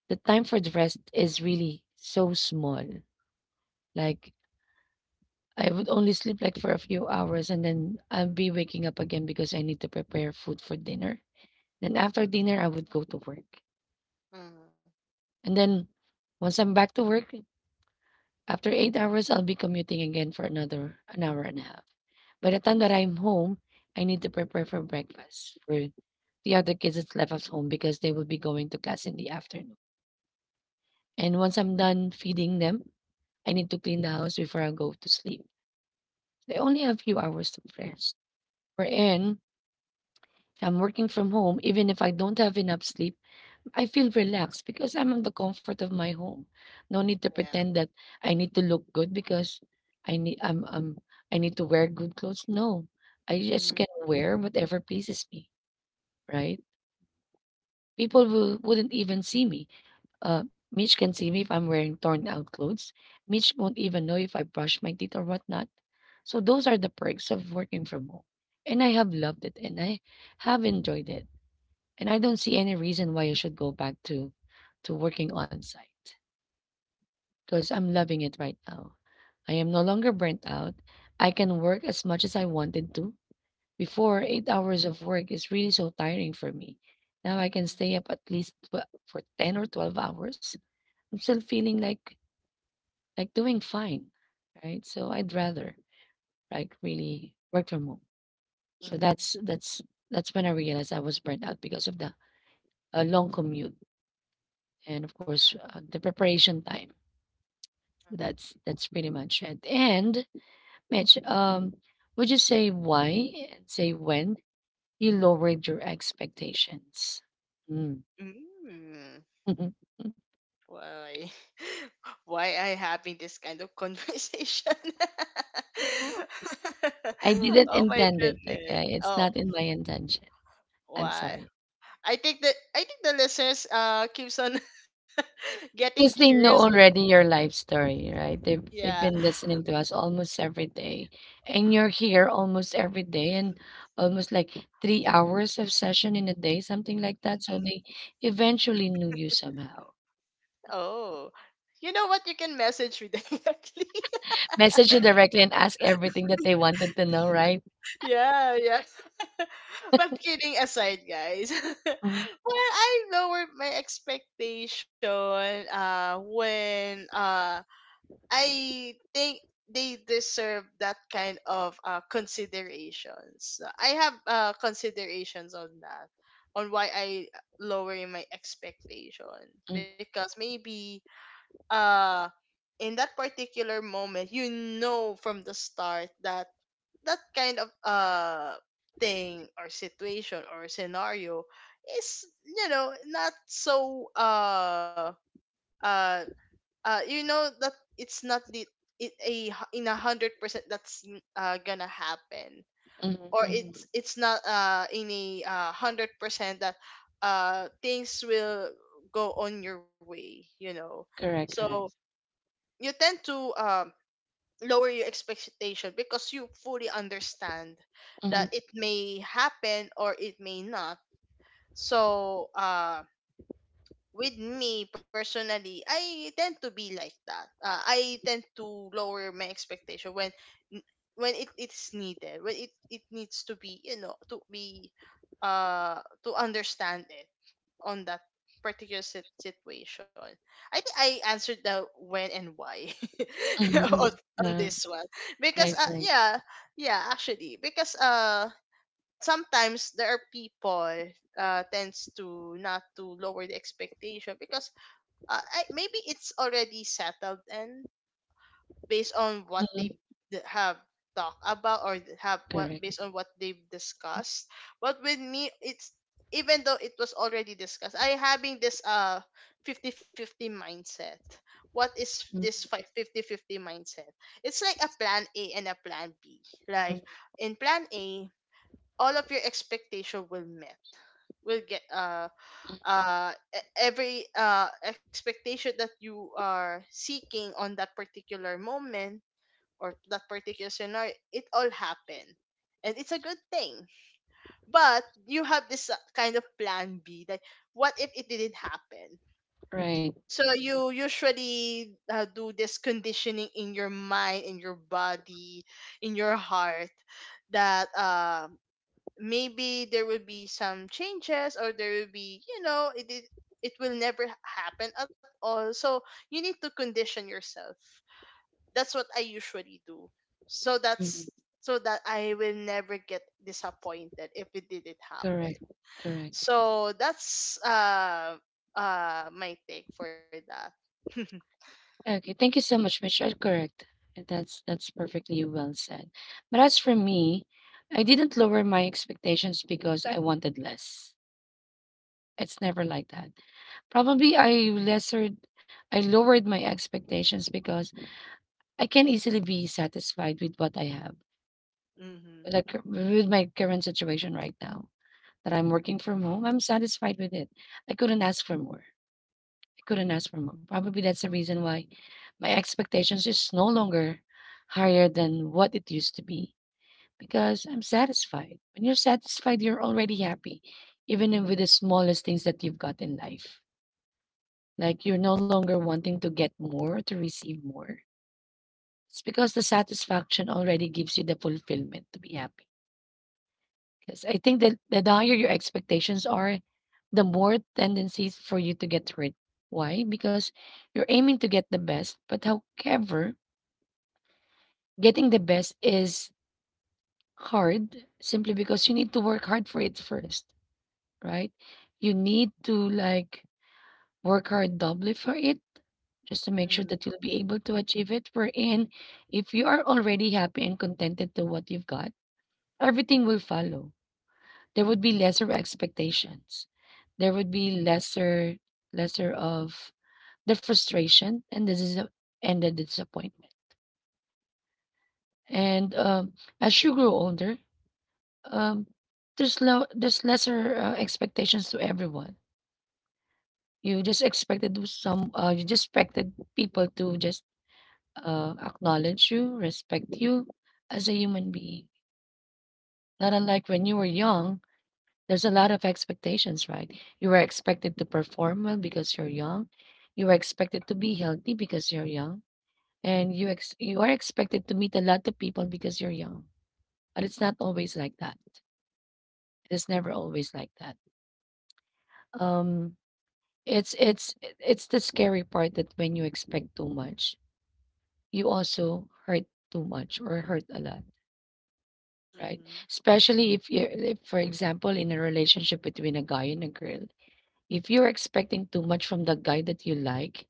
Speaker 2: the time for the rest is really so small. Like I would only sleep like for a few hours and then I'll be waking up again because I need to prepare food for dinner. Then after dinner, I would go to work.
Speaker 1: Mm-hmm.
Speaker 2: And then once I'm back to work, after 8 hours, I'll be commuting again for another an hour and a half. By the time that I'm home, I need to prepare for breakfast for the other kids that's left at home because they will be going to class in the afternoon. And once I'm done feeding them, I need to clean the house before I go to sleep. I only have a few hours to rest. We're I'm working from home, even if I don't have enough sleep, I feel relaxed because I'm in the comfort of my home. No need to
Speaker 1: Yeah.
Speaker 2: pretend that I need to look good because I need I'm, I'm I need to wear good clothes. No, I just
Speaker 1: Mm-hmm.
Speaker 2: can wear whatever pleases me, right? Wouldn't even see me. Mitch can see me if I'm wearing torn out clothes. Mitch won't even know if I brush my teeth or whatnot. So those are the perks of working from home. And I have loved it and I have enjoyed it and I don't see any reason why you should go back to working on site because I'm loving it right now. I am no longer burnt out. I can work as much as I wanted to. Before, 8 hours of work is really so tiring for me. Now I can stay up at least for 10 or 12 hours. I'm still feeling like doing fine, right? So I'd rather like really work from home. So
Speaker 1: Mm-hmm.
Speaker 2: that's when I realized I was burnt out because of the long commute and of course, the preparation time. That's pretty much it. And Mitch, would you say why and say when you lowered your expectations? Mm.
Speaker 1: Mm. Why? Why I having this kind of conversation?
Speaker 2: I didn't
Speaker 1: Oh my
Speaker 2: intend it.
Speaker 1: goodness.
Speaker 2: Okay, it's
Speaker 1: Oh,
Speaker 2: not in my intention. I'm
Speaker 1: why?
Speaker 2: sorry.
Speaker 1: I think that I think the listeners keeps on getting
Speaker 2: 'Cause they
Speaker 1: curious
Speaker 2: know
Speaker 1: on
Speaker 2: already your life story, right? They've
Speaker 1: yeah.
Speaker 2: been listening to us almost every day, and you're here almost every
Speaker 1: Mm-hmm.
Speaker 2: day and almost like 3 hours of session in a day, something like that, so they eventually knew you somehow.
Speaker 1: Oh, you know what? You can message me directly.
Speaker 2: Message you directly and ask everything that they wanted to know, right?
Speaker 1: Yeah, yeah. But kidding aside, guys.
Speaker 2: Mhm,
Speaker 1: Well, I lowered my expectation. When I think they deserve that kind of considerations. I have considerations on that, on why I lowering my expectation,
Speaker 2: mhm,
Speaker 1: because maybe, um in that particular moment, you know from the start that that kind of thing or situation or scenario is, you know, not so uh you know that it's not the it a in 100% that's gonna happen,
Speaker 2: mhm,
Speaker 1: or
Speaker 2: mhm.
Speaker 1: it's not in a 100% that things will go on your way, you know.
Speaker 2: Correct,
Speaker 1: So
Speaker 2: correct.
Speaker 1: you tend to, lower your expectation because you fully understand that
Speaker 2: Mhm,
Speaker 1: it may happen or it may not. So, with me personally, I tend to be like that. I tend to lower my expectation when it, it's needed, when it needs to be, you know, to be to understand it on that particular situation. I think I answered the when and why
Speaker 2: mhm,
Speaker 1: on,
Speaker 2: mhm.
Speaker 1: on
Speaker 2: Yeah,
Speaker 1: this one because,
Speaker 2: right, right.
Speaker 1: yeah, yeah, actually because sometimes there are people tends to not to lower the expectation because, I, maybe it's already settled and based on what
Speaker 2: Mhm,
Speaker 1: they have talked about or have what
Speaker 2: correct.
Speaker 1: based on what they've discussed. But with me, it's even though it was already discussed, I having this 50 50 mindset. What is
Speaker 2: Mhm,
Speaker 1: this 50 fifty mindset? It's like a plan A and a plan B. Like,
Speaker 2: mhm.
Speaker 1: in plan A, all of your expectation will met will get every expectation that you are seeking on that particular moment or that particular scenario, it all happened. And it's a good thing. But you have this, kind of plan B that what if it didn't happen?
Speaker 2: Right.
Speaker 1: So you usually, do this conditioning in your mind, in your body, in your heart that maybe there will be some changes, or there will be, you know, it will never happen at all. So you need to condition yourself. That's what I usually do. So
Speaker 2: Mhm.
Speaker 1: that's so that I will never get disappointed if it didn't happen.
Speaker 2: Correct, correct.
Speaker 1: So that's my take for that.
Speaker 2: Okay, thank you so much, Mitch. You're correct. And that's perfectly well said. But as for me, I didn't lower my expectations because I wanted less. It's never like that. Probably I lowered my expectations because I can easily be satisfied with what I have.
Speaker 1: Mhm.
Speaker 2: Like with my current situation right now, that I'm working from home, I'm satisfied with it. I couldn't ask for more. I couldn't ask for more. Probably that's the reason why my expectations is no longer higher than what it used to be because I'm satisfied. When you're satisfied, you're already happy, even if with the smallest things that you've got in life. Like you're no longer wanting to get more, to receive more. It's because the satisfaction already gives you the fulfillment to be happy. Because I think that the higher your expectations are, the more tendencies for you to get hurt. Why? Because you're aiming to get the best, but however, getting the best is hard simply because you need to work hard for it first, right? You need to like work hard doubly for it just to make sure
Speaker 1: Mhm.
Speaker 2: that you'll be able to achieve it. Wherein, if you are already happy and contented to what you've got, everything will follow there would be lesser expectations. There would be lesser of the frustration and and the disappointment. And as you grow older, um, there's low there's lesser expectations to everyone. You just expected to some you just expected people to just acknowledge you, respect you as a human being. Not unlike when you were young, there's a lot of expectations, right? You were expected to perform well because you're young. You were expected to be healthy because you're young. And you are expected to meet a lot of people because you're young. But it's not always like that. It is never always like that. Um it's it's it's the scary part that when you expect too much, you also hurt too much or hurt a lot, right?
Speaker 1: Mhm.
Speaker 2: Especially if you are if for example in a relationship between a guy and a girl if you're expecting too much from the guy that you like,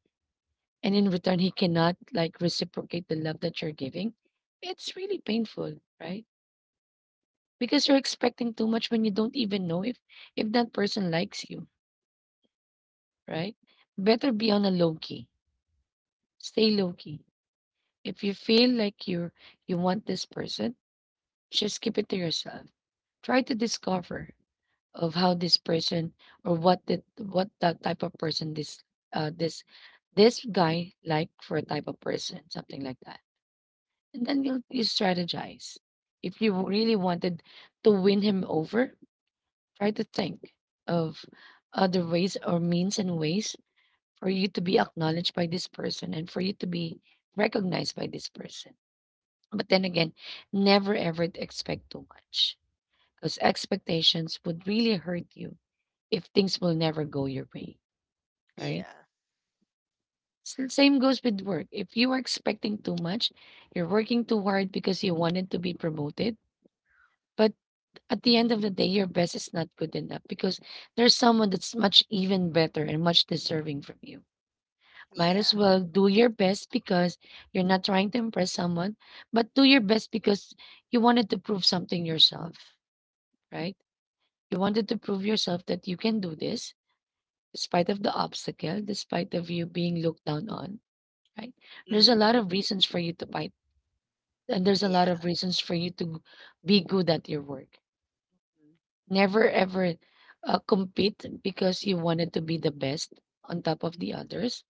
Speaker 2: and in return he cannot like reciprocate the love that you're giving, it's really painful, right? Because you're expecting too much when you don't even know if that person likes you, right? Better be on a low key. Stay low key. If you feel like you want this person, just keep it to yourself. Try to discover of how this person or what that type of person this uh this this guy like for a type of person, something like that. And then you strategize. If you really wanted to win him over, try to think of other ways or means and ways for you to be acknowledged by this person and for you to be recognized by this person. But then again, never ever expect too much because expectations would really hurt you if things will never go your way, right?
Speaker 1: Yeah.
Speaker 2: Same goes with work. If you are expecting too much, you're working too hard because you wanted to be promoted, but at the end of the day, your best is not good enough because there's someone that's much even better and much deserving from you. Might
Speaker 1: Yeah.
Speaker 2: as well do your best because you're not trying to impress someone, but do your best because you wanted to prove something yourself, right? You wanted to prove yourself that you can do this despite of the obstacle, despite of you being looked down on, right? There's a
Speaker 1: Mhm.
Speaker 2: lot of reasons for you to fight, and there's a lot of
Speaker 1: Yeah.
Speaker 2: reasons for you to be good at your work.
Speaker 1: Mm.
Speaker 2: Never ever compete because you wanted to be the best on top of the others,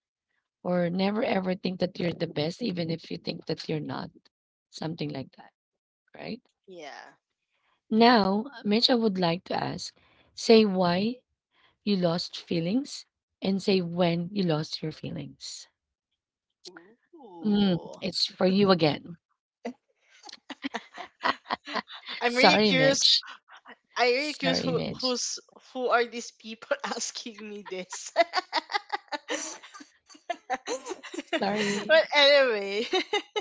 Speaker 2: or never ever think that you're the best, even if you think that you're not, something like that, right?
Speaker 1: Yeah.
Speaker 2: Now, Mitch, I would like to ask say why you lost feelings and say when you lost your feelings. Mm,
Speaker 1: Ooh.
Speaker 2: it's for you again.
Speaker 1: I'm really
Speaker 2: Sorry,
Speaker 1: curious.
Speaker 2: Mitch.
Speaker 1: I really curious
Speaker 2: Sorry,
Speaker 1: who
Speaker 2: Mitch.
Speaker 1: who's who are these people asking me this. But
Speaker 2: Sorry.
Speaker 1: anyway, well,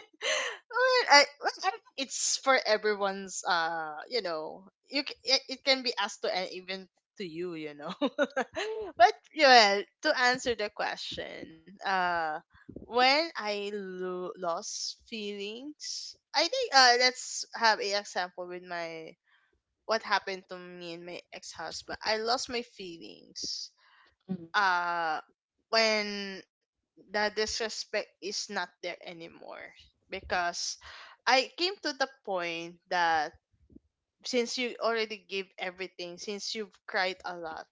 Speaker 1: I, well, I think it's for everyone's. You know, you it, it can be asked to and even to you. You know, but yeah, to answer the question, when I lost feelings, I think, let's have an example with my what happened to me and my ex-husband. I lost my feelings.
Speaker 2: Mm,
Speaker 1: Uh when the disrespect is not there anymore because I came to the point that since you already give everything, since you've cried a lot,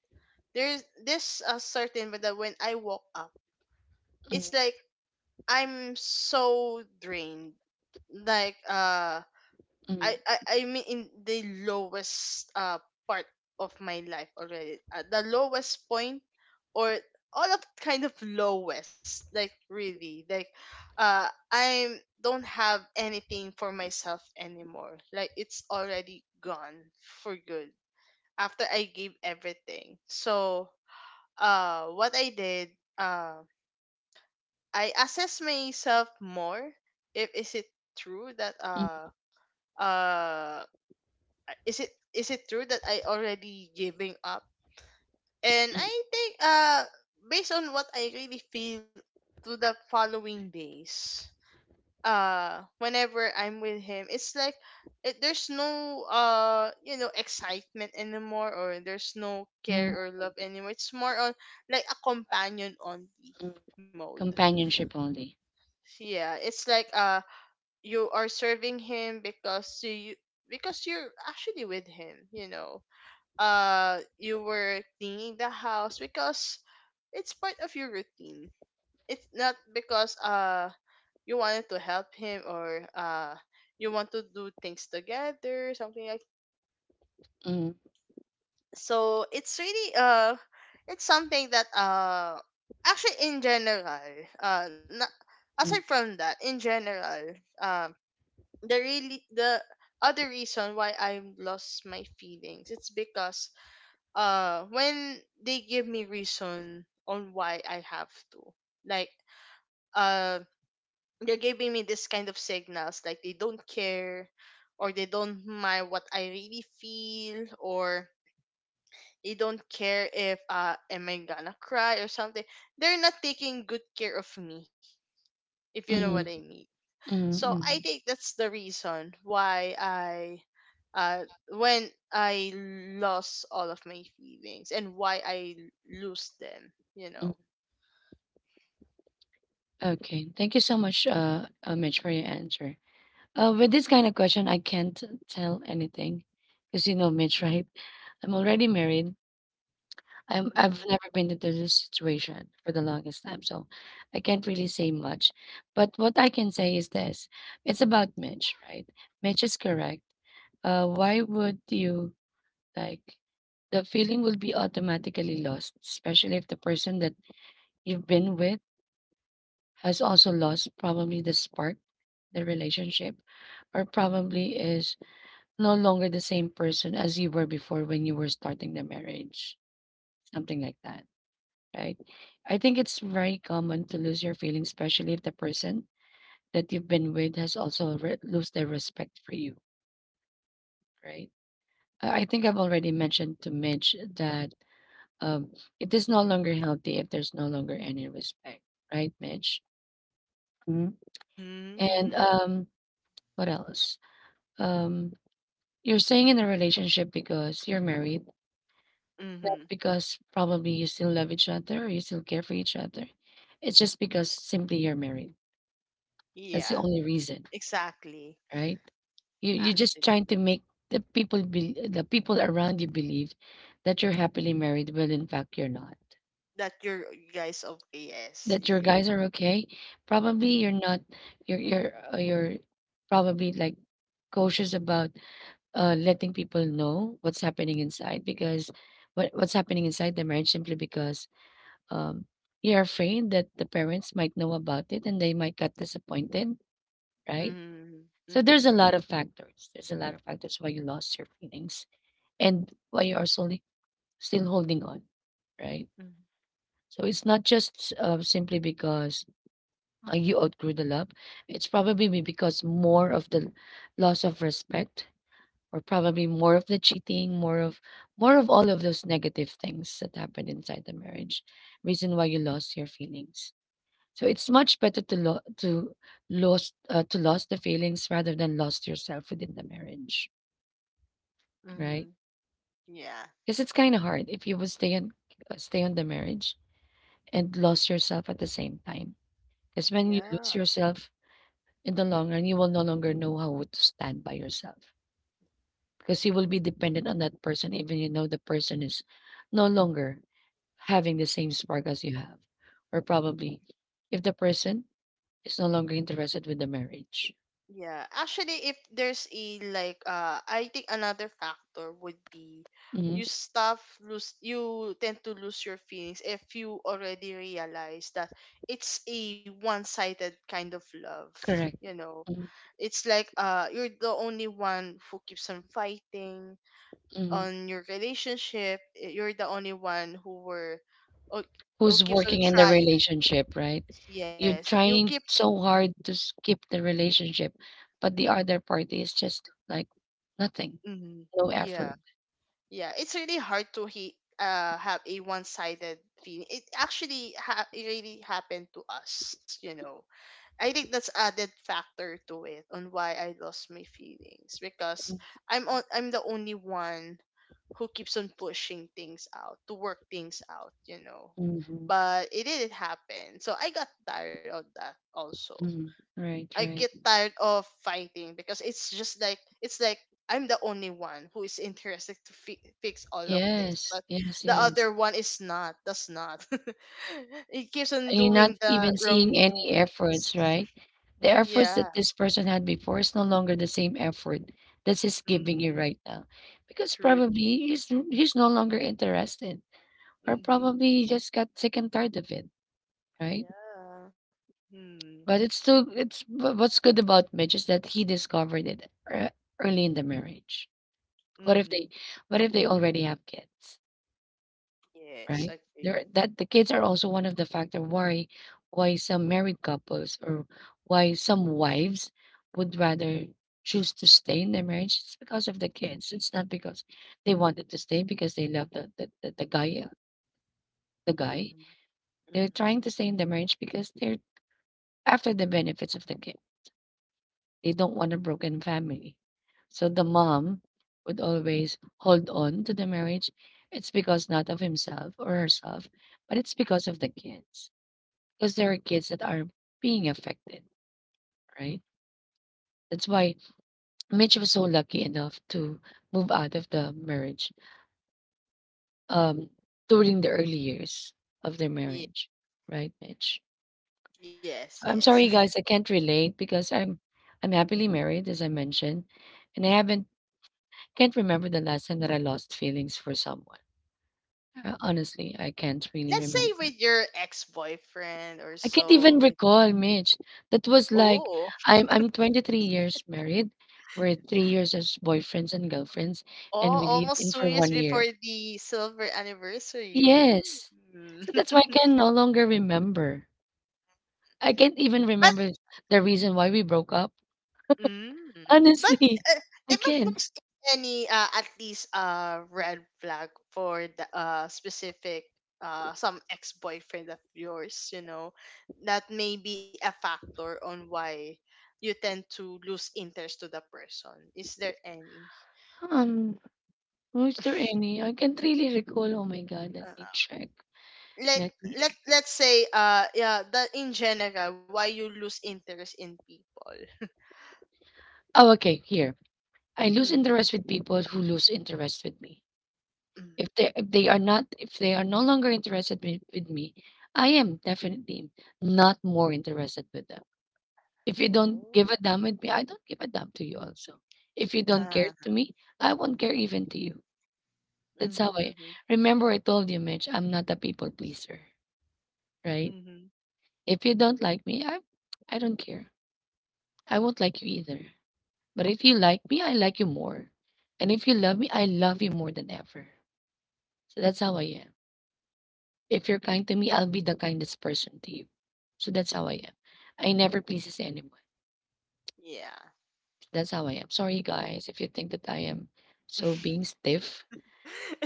Speaker 1: there's this a certain but that when I woke up, it's
Speaker 2: mm,
Speaker 1: like I'm so drained. Like
Speaker 2: mm,
Speaker 1: I mean in the lowest part of my life already. The lowest point or all of kind of lowest like really like I don't have anything for myself anymore. Like it's already gone for good after I gave everything. So what I did uh I assess myself more if is it true that
Speaker 2: mm,
Speaker 1: uh is it true that I already giving up? And I think based on what I really feel to the following days, whenever I'm with him, it's like there's no excitement anymore or there's no care
Speaker 2: mm,
Speaker 1: or love anymore. It's more on like a companion only
Speaker 2: mm.
Speaker 1: mode.
Speaker 2: Companionship only.
Speaker 1: Yeah, it's like you are serving him because you're actually with him, you know you were cleaning the house because it's part of your routine. It's not because you wanted to help him or you want to do things together, something like
Speaker 2: Mm,
Speaker 1: so it's really it's something that actually in general, not, aside
Speaker 2: mm,
Speaker 1: from that, in general, um the really the other reason why I lost my feelings it's because when they give me reason on why I have to. Like uh they're giving me this kind of signals like they don't care or they don't mind what I really feel or they don't care if am I gonna cry or something. They're not taking good care of me, if you know what
Speaker 2: mm,
Speaker 1: I mean.
Speaker 2: mm,
Speaker 1: So
Speaker 2: mm,
Speaker 1: I
Speaker 2: mm.
Speaker 1: think that's the reason why I uh when I lost all of my feelings and why I lose them, you
Speaker 2: Mm.
Speaker 1: know.
Speaker 2: Okay. Thank you so much, Mitch, for your answer. With this kind of question, I can't tell anything, because you know, Mitch, right? I'm already married. I've
Speaker 1: Mm-hmm.
Speaker 2: never been into this situation for the longest time, so I can't really say much. But what I can say is this: it's about Mitch, right? Mitch is correct. Why would you? Like, the feeling will be automatically lost, especially if the person that you've been with has also lost probably the spark, the relationship, or probably is no longer the same person as you were before when you were starting the marriage, something like that, right? I think it's very common to lose your feelings, especially if the person that you've been with has also lose their respect for you, right? I think I've already mentioned to Mitch that Um, it is no longer healthy if there's no longer any respect, right, Mitch? Mhm. And
Speaker 1: Mm-hmm.
Speaker 2: what else? Um, you're staying in a relationship because you're married, not
Speaker 1: Mm-hmm.
Speaker 2: because probably you still love each other or you still care for each other. It's just because simply you're married. That's
Speaker 1: Yeah,
Speaker 2: the only reason,
Speaker 1: exactly.
Speaker 2: right? You're just
Speaker 1: Actually,
Speaker 2: trying to make the people around you believe that you're happily married, when in fact you're not.
Speaker 1: that you're you guys okay. Yes,
Speaker 2: That your
Speaker 1: indeed.
Speaker 2: guys are okay? Probably you're not you're probably like cautious about letting people know what's happening inside because what's happening inside the marriage simply because um you're afraid that the parents might know about it and they might get disappointed, right?
Speaker 1: Mm-hmm.
Speaker 2: So there's
Speaker 1: Mm-hmm.
Speaker 2: a lot of factors. There's a lot of factors why you lost your feelings and why you are slowly still holding on, right?
Speaker 1: Mm-hmm.
Speaker 2: So it's not just simply because you outgrew the love, it's probably be because more of the loss of respect, or probably more of the cheating, more of all of those negative things that happened inside the marriage. Reason why you lost your feelings. So it's much better to lost to lost the feelings rather than lost yourself within the marriage, right?
Speaker 1: Mm-hmm. Yeah.
Speaker 2: Because it's kind of hard if you would stay on the marriage and lost yourself at the same time. Because when you
Speaker 1: Yeah.
Speaker 2: lose yourself, in the long run, you will no longer know how to stand by yourself because you will be dependent on that person, even you know the person is no longer having the same spark as you have, or probably if the person is no longer interested with the marriage.
Speaker 1: Yeah. Actually, if there's a like I think another factor would be
Speaker 2: Hmm.
Speaker 1: you stop lose you tend to lose your feelings if you already realize that it's a one-sided kind of love,
Speaker 2: Correct.
Speaker 1: you know. It's like you're the only one who keeps on fighting
Speaker 2: Mm-hmm.
Speaker 1: on your relationship. Eh, you're the only one who were who who
Speaker 2: Who's
Speaker 1: keeps on
Speaker 2: working in the
Speaker 1: trying.
Speaker 2: relationship, right?
Speaker 1: Yes,
Speaker 2: You're
Speaker 1: you keep
Speaker 2: trying so hard to keep the relationship, but the other party is just like nothing,
Speaker 1: mhm.
Speaker 2: no effort.
Speaker 1: Yeah. Yeah, it's really hard to he have a one-sided feeling. It actually ha- it really happened to us, you know. I think that's added factor to it on why I lost my feelings because I'm the only one who keeps on pushing things out to work things out, you know.
Speaker 2: Mm-hmm.
Speaker 1: But it didn't happen, so I got tired of that also.
Speaker 2: Right,
Speaker 1: I
Speaker 2: right.
Speaker 1: get tired of fighting because it's just like it's like I'm the only one who is interested to fi- fix all of this,
Speaker 2: Yes,
Speaker 1: but
Speaker 2: yes,
Speaker 1: the
Speaker 2: yes.
Speaker 1: other one is not. That's not. It keeps on
Speaker 2: And you're not
Speaker 1: doing
Speaker 2: even
Speaker 1: the
Speaker 2: seeing any
Speaker 1: wrongdoings.
Speaker 2: efforts, right? The efforts
Speaker 1: Yeah.
Speaker 2: that this person had before is no longer the same effort that he's giving you
Speaker 1: Mm-hmm.
Speaker 2: right now. Because
Speaker 1: True.
Speaker 2: probably he's no longer interested, or
Speaker 1: Mm-hmm.
Speaker 2: probably he just got sick and tired of it, right?
Speaker 1: Yeah. Mm-hmm.
Speaker 2: But it's still what's good about Mitch is that he discovered it early in the marriage. What if they
Speaker 1: Mm-hmm.
Speaker 2: what if they already have kids?
Speaker 1: Yes.
Speaker 2: Right? There
Speaker 1: Agree.
Speaker 2: that the kids are also one of the factor why some married couples or why some wives would rather choose to stay in their marriage. It's because of the kids. It's not because they wanted to stay because they love the guy the guy.
Speaker 1: Mm-hmm.
Speaker 2: They're
Speaker 1: Mm-hmm.
Speaker 2: trying to stay in the marriage because they're after the benefits of the kid. They don't want a broken family. So the mom would always hold on to the marriage. It's because not of himself or herself, but it's because of the kids because there are kids that are being affected, right? That's why Mitch was so lucky enough to move out of the marriage um, during the early years of their
Speaker 1: Yeah.
Speaker 2: marriage, right, Mitch?
Speaker 1: Yes.
Speaker 2: So I'm
Speaker 1: Yes.
Speaker 2: sorry, guys, I can't relate because I'm happily married, as I mentioned, and I haven't can't remember the last time that I lost feelings for someone. Honestly, I can't really
Speaker 1: Let's say
Speaker 2: remember.
Speaker 1: with your ex-boyfriend or
Speaker 2: I can't even
Speaker 1: so. If
Speaker 2: recall, Mitch. That was like
Speaker 1: oh.
Speaker 2: I'm 23 years married. We're 3 years as boyfriends and girlfriends,
Speaker 1: Oh,
Speaker 2: and we lived
Speaker 1: almost
Speaker 2: in
Speaker 1: two
Speaker 2: for
Speaker 1: years
Speaker 2: one
Speaker 1: before
Speaker 2: year.
Speaker 1: the silver anniversary.
Speaker 2: Yes. So
Speaker 1: Mm.
Speaker 2: that's why I can no longer remember. I can't even
Speaker 1: But
Speaker 2: remember the reason why we broke up.
Speaker 1: mm, but
Speaker 2: Honestly,
Speaker 1: uh,
Speaker 2: I
Speaker 1: if
Speaker 2: can't.
Speaker 1: there's any at least red flag for the specific some ex boyfriend of yours, you know, that may be a factor on why you tend to lose interest to the person. Is there any?
Speaker 2: Um, was there any? I can't really recall. Oh my God, let
Speaker 1: Uh,
Speaker 2: me check.
Speaker 1: like
Speaker 2: Let me.
Speaker 1: let let's say yeah that in general why you lose interest in people.
Speaker 2: Oh, okay. Here, I lose
Speaker 1: Mm,
Speaker 2: interest with people who lose interest with me.
Speaker 1: mm.
Speaker 2: If they are not if they are no longer interested with me, I am definitely not more interested with them. If you don't
Speaker 1: Oh.
Speaker 2: give a damn with me, I don't give a damn to you also. If you don't care
Speaker 1: Uh,
Speaker 2: to me, I won't care even to you. That's how I
Speaker 1: mm-hmm,
Speaker 2: remember I told you, Mitch, I'm not a people pleaser, right?
Speaker 1: mm-hmm,
Speaker 2: If you don't like me, I don't care. I won't like you either. But if you like me, I like you more. And if you love me, I love you more than ever. So that's how I
Speaker 1: hmm.
Speaker 2: am. If you're kind to me, I'll be the kindest person to you. So that's how I am. I never pleases anyone.
Speaker 1: Yeah.
Speaker 2: That's how I am. Sorry guys if you think that I am so being stiff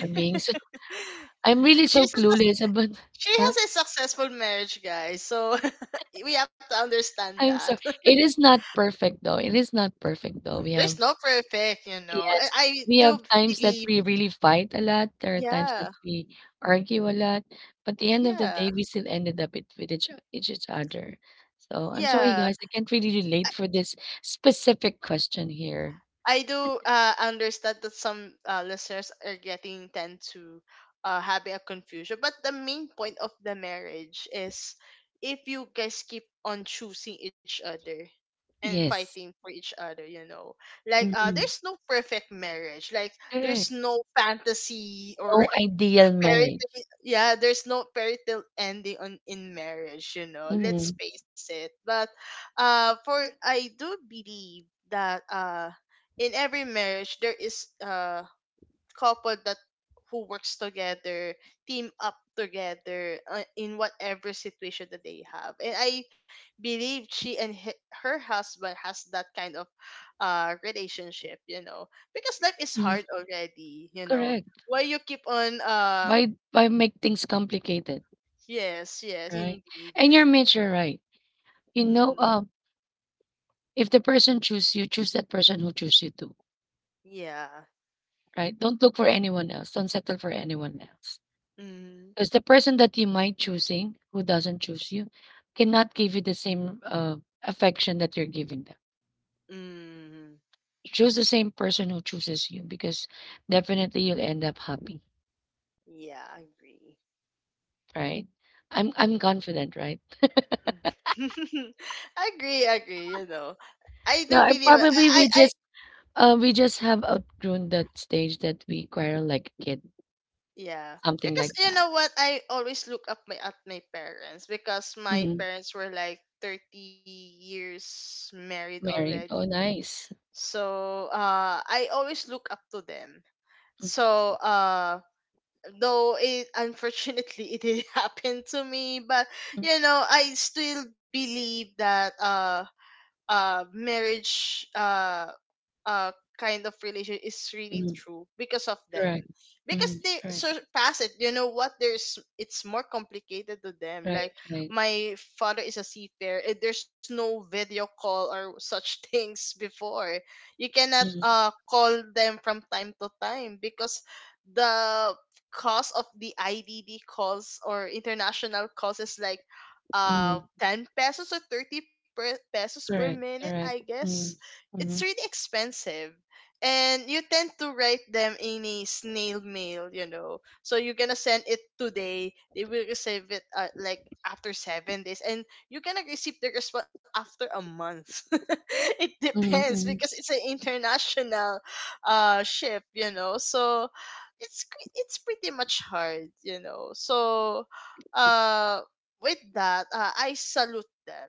Speaker 2: or being so I'm really
Speaker 1: She's
Speaker 2: so
Speaker 1: a, suc-
Speaker 2: clueless about
Speaker 1: she
Speaker 2: huh?
Speaker 1: has a successful marriage, guys. So we have to understand
Speaker 2: I'm
Speaker 1: that.
Speaker 2: sorry. It is not perfect though. It is not perfect though. We
Speaker 1: There's
Speaker 2: have
Speaker 1: no perfect, you know.
Speaker 2: yes,
Speaker 1: I
Speaker 2: we have
Speaker 1: do
Speaker 2: times that
Speaker 1: believe.
Speaker 2: we really fight a lot. There are times
Speaker 1: Yeah.
Speaker 2: that we argue a lot, but the end of the
Speaker 1: Yeah.
Speaker 2: day, we still ended up it with each other. So I'm sorry,
Speaker 1: Yeah.
Speaker 2: guys, I can't really relate for this specific question here.
Speaker 1: I do understand that some listeners are getting tend to having a confusion, but the main point of the marriage is if you guys keep on choosing each other and
Speaker 2: Yes.
Speaker 1: fighting for each other, you know, like
Speaker 2: Mhm.
Speaker 1: there's no perfect marriage, like there's
Speaker 2: Correct.
Speaker 1: no fantasy
Speaker 2: No
Speaker 1: or
Speaker 2: ideal marriage.
Speaker 1: parenting yeah there's no parental ending on in marriage you know let's
Speaker 2: Mhm.
Speaker 1: face it but for I do believe that in every marriage there is a couple that who works together team up together in whatever situation that they have and I believe she and he, her husband has that kind of relationship you know because life is
Speaker 2: Mm.
Speaker 1: hard already you know
Speaker 2: Correct.
Speaker 1: why you keep on uh.
Speaker 2: Why make things complicated,
Speaker 1: Yes, yes,
Speaker 2: right?
Speaker 1: indeed.
Speaker 2: And you're mature, right? You
Speaker 1: Mm,
Speaker 2: know, if the person choose you, choose that person who choose you too,
Speaker 1: yeah.
Speaker 2: right? Don't look for anyone else. Don't settle for anyone else.
Speaker 1: Mm,
Speaker 2: Because the person that you might choosing who doesn't choose you cannot give you the same affection that you're giving them.
Speaker 1: mm,
Speaker 2: Choose the same person who chooses you because definitely you'll end up happy,
Speaker 1: yeah, I agree.
Speaker 2: right? I'm confident, right?
Speaker 1: I agree, agree, you know. I do
Speaker 2: Yeah, I
Speaker 1: believe
Speaker 2: probably
Speaker 1: I, I I
Speaker 2: we just have outgrown that stage that we quarrel like a kid,
Speaker 1: yeah.
Speaker 2: something
Speaker 1: Because
Speaker 2: like
Speaker 1: you
Speaker 2: that.
Speaker 1: know what, I always look up my at my parents because my
Speaker 2: Mhm.
Speaker 1: parents were like 30 years married
Speaker 2: Married. Oh,
Speaker 1: already.
Speaker 2: nice.
Speaker 1: So, I always look up to them.
Speaker 2: Mm,
Speaker 1: So, though it unfortunately it did happen to me but
Speaker 2: mm,
Speaker 1: you know I still believe that marriage uh kind of relation is really
Speaker 2: mm.
Speaker 1: true because of them
Speaker 2: Correct.
Speaker 1: because
Speaker 2: Mm,
Speaker 1: they
Speaker 2: correct.
Speaker 1: surpass it you know what there's it's more complicated to them
Speaker 2: Right.
Speaker 1: like
Speaker 2: Right.
Speaker 1: my father is a seafarer and there's no video call or such things before you cannot
Speaker 2: Mm-hmm.
Speaker 1: call them from time to time because the cost of the IDD calls or international calls is like
Speaker 2: Mhm.
Speaker 1: 10 pesos or 30 per pesos per
Speaker 2: Correct,
Speaker 1: minute I
Speaker 2: correct.
Speaker 1: guess
Speaker 2: Mm.
Speaker 1: it's
Speaker 2: Mhm.
Speaker 1: really expensive and you tend to write them in a snail mail you know so you're gonna send it today they will receive it like after 7 days and you're gonna receive the response after a month it depends
Speaker 2: Mhm,
Speaker 1: because
Speaker 2: mhm,
Speaker 1: it's an international ship you know so it's cre- it's pretty much hard, you know. So, uh, with that, I salute them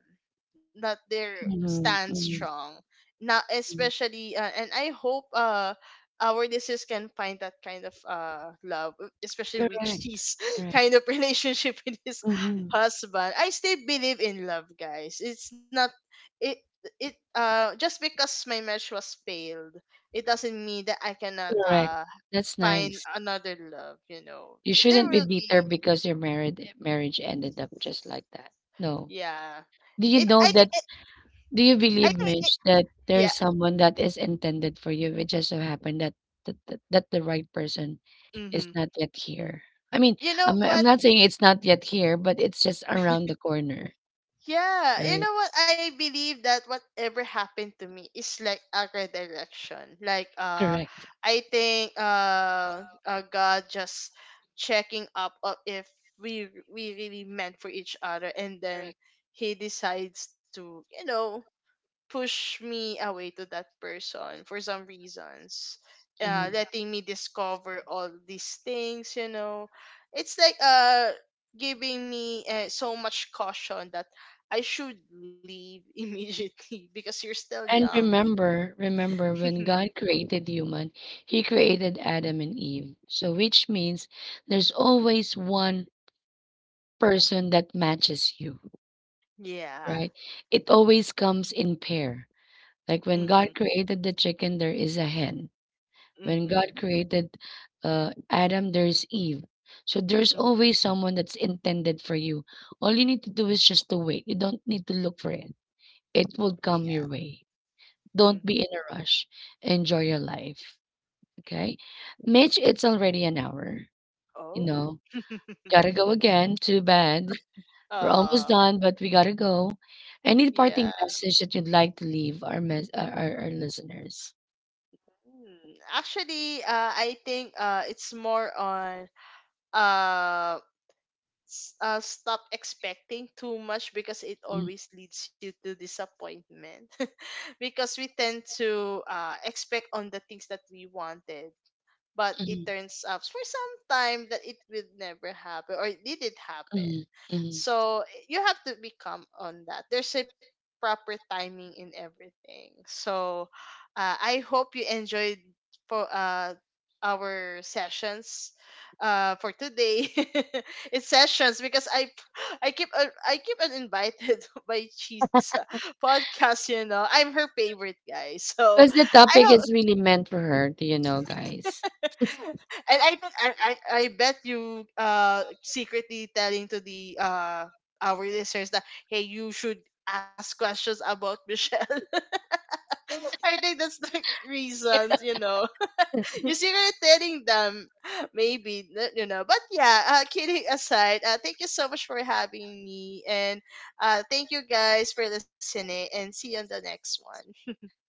Speaker 1: that they
Speaker 2: mhm,
Speaker 1: stand
Speaker 2: mhm,
Speaker 1: strong. Now,
Speaker 2: mhm.
Speaker 1: especially, and I hope our listeners can find that kind of love, especially with
Speaker 2: Correct,
Speaker 1: his
Speaker 2: correct.
Speaker 1: kind of relationship with his
Speaker 2: Mhm.
Speaker 1: husband. I still believe in love, guys. It's not it it just because my marriage was failed it doesn't mean that I cannot
Speaker 2: Correct. That's
Speaker 1: find
Speaker 2: nice.
Speaker 1: another love you know
Speaker 2: You
Speaker 1: there
Speaker 2: shouldn't be
Speaker 1: will
Speaker 2: bitter
Speaker 1: be
Speaker 2: because your married marriage ended up just like that. No.
Speaker 1: yeah
Speaker 2: Do you
Speaker 1: it
Speaker 2: know
Speaker 1: I think
Speaker 2: that?
Speaker 1: it
Speaker 2: Do you
Speaker 1: I
Speaker 2: believe,
Speaker 1: think it
Speaker 2: Mitch, that there is
Speaker 1: yeah
Speaker 2: someone that is intended for you? It just so happened that that the right person is
Speaker 1: mm-hmm.
Speaker 2: not yet here. I mean,
Speaker 1: You know
Speaker 2: I'm
Speaker 1: what
Speaker 2: not saying it's not yet here, but it's just around the corner,
Speaker 1: yeah you
Speaker 2: right?
Speaker 1: know what I believe that whatever happened to me is like a redirection like uh
Speaker 2: Correct.
Speaker 1: i think god just checking up of if we really meant for each other and then
Speaker 2: Correct.
Speaker 1: he decides to you know push me away to that person for some reasons
Speaker 2: Mhm.
Speaker 1: letting me discover all these things you know it's like giving me so much caution that I should leave immediately because you're still
Speaker 2: And
Speaker 1: young like
Speaker 2: remember, remember when God created human, he created Adam and Eve. So which means there's always one person that matches you,
Speaker 1: yeah
Speaker 2: right? It always comes in pair. Like when
Speaker 1: mhm
Speaker 2: God created the chicken, there is a hen. When
Speaker 1: mhm
Speaker 2: God created Adam, there's Eve. So there's
Speaker 1: mhm
Speaker 2: always someone that's intended for you. All you need to do is just to wait. You don't need to look for it. It will
Speaker 1: yeah
Speaker 2: come your way. Don't
Speaker 1: mhm
Speaker 2: be in a rush. Enjoy your life. Okay. Mitch, it's already an hour. You
Speaker 1: oh
Speaker 2: know, gotta go again. Too bad. We're almost
Speaker 1: uh
Speaker 2: done, but we gotta go. Any
Speaker 1: yeah.
Speaker 2: parting message that you'd like to leave our listeners?
Speaker 1: Hmm. Actually I think it's more on um stop expecting too much because it always leads you to disappointment because we tend to expect on the things that we wanted but it turns out for some time that it will never happen or it didn't happen. So you have to become on that. There's a proper timing in everything. So I hope you enjoyed for our sessions for today. It's sessions because I keep I keep on invited by Chisa podcast, you know. I'm her favorite guy. So
Speaker 2: Because the
Speaker 1: I
Speaker 2: topic
Speaker 1: hope
Speaker 2: is really meant for her, do you know, guys?
Speaker 1: and I think I bet you secretly telling to the our listeners that hey you should ask questions about Michelle. I think that's the reasons, you know. You secretly telling them maybe n- you know. But yeah, kidding aside, thank you so much for having me and thank you guys for listening and see you on the next one.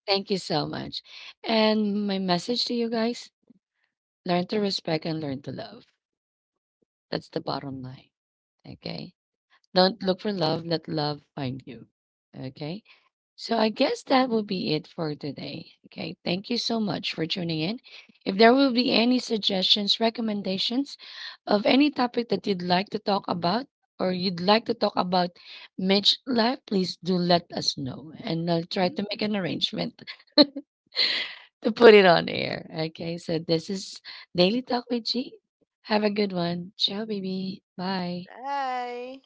Speaker 2: Thank you so much. And my message to you guys, learn to respect and learn to love. That's the bottom line. Okay. Don't look for love, let love find you. Okay. So I guess that will be it for today. Okay. Thank you so much for tuning in. If there will be any suggestions, recommendations of any topic that you'd like to talk about or you'd like to talk about Mitch life, please do let us know and I'll try to
Speaker 1: Mhm.
Speaker 2: make an arrangement to put it on air. Okay. So this is Daily Talk with G. Have a good one. Ciao, baby. Bye.
Speaker 1: Bye.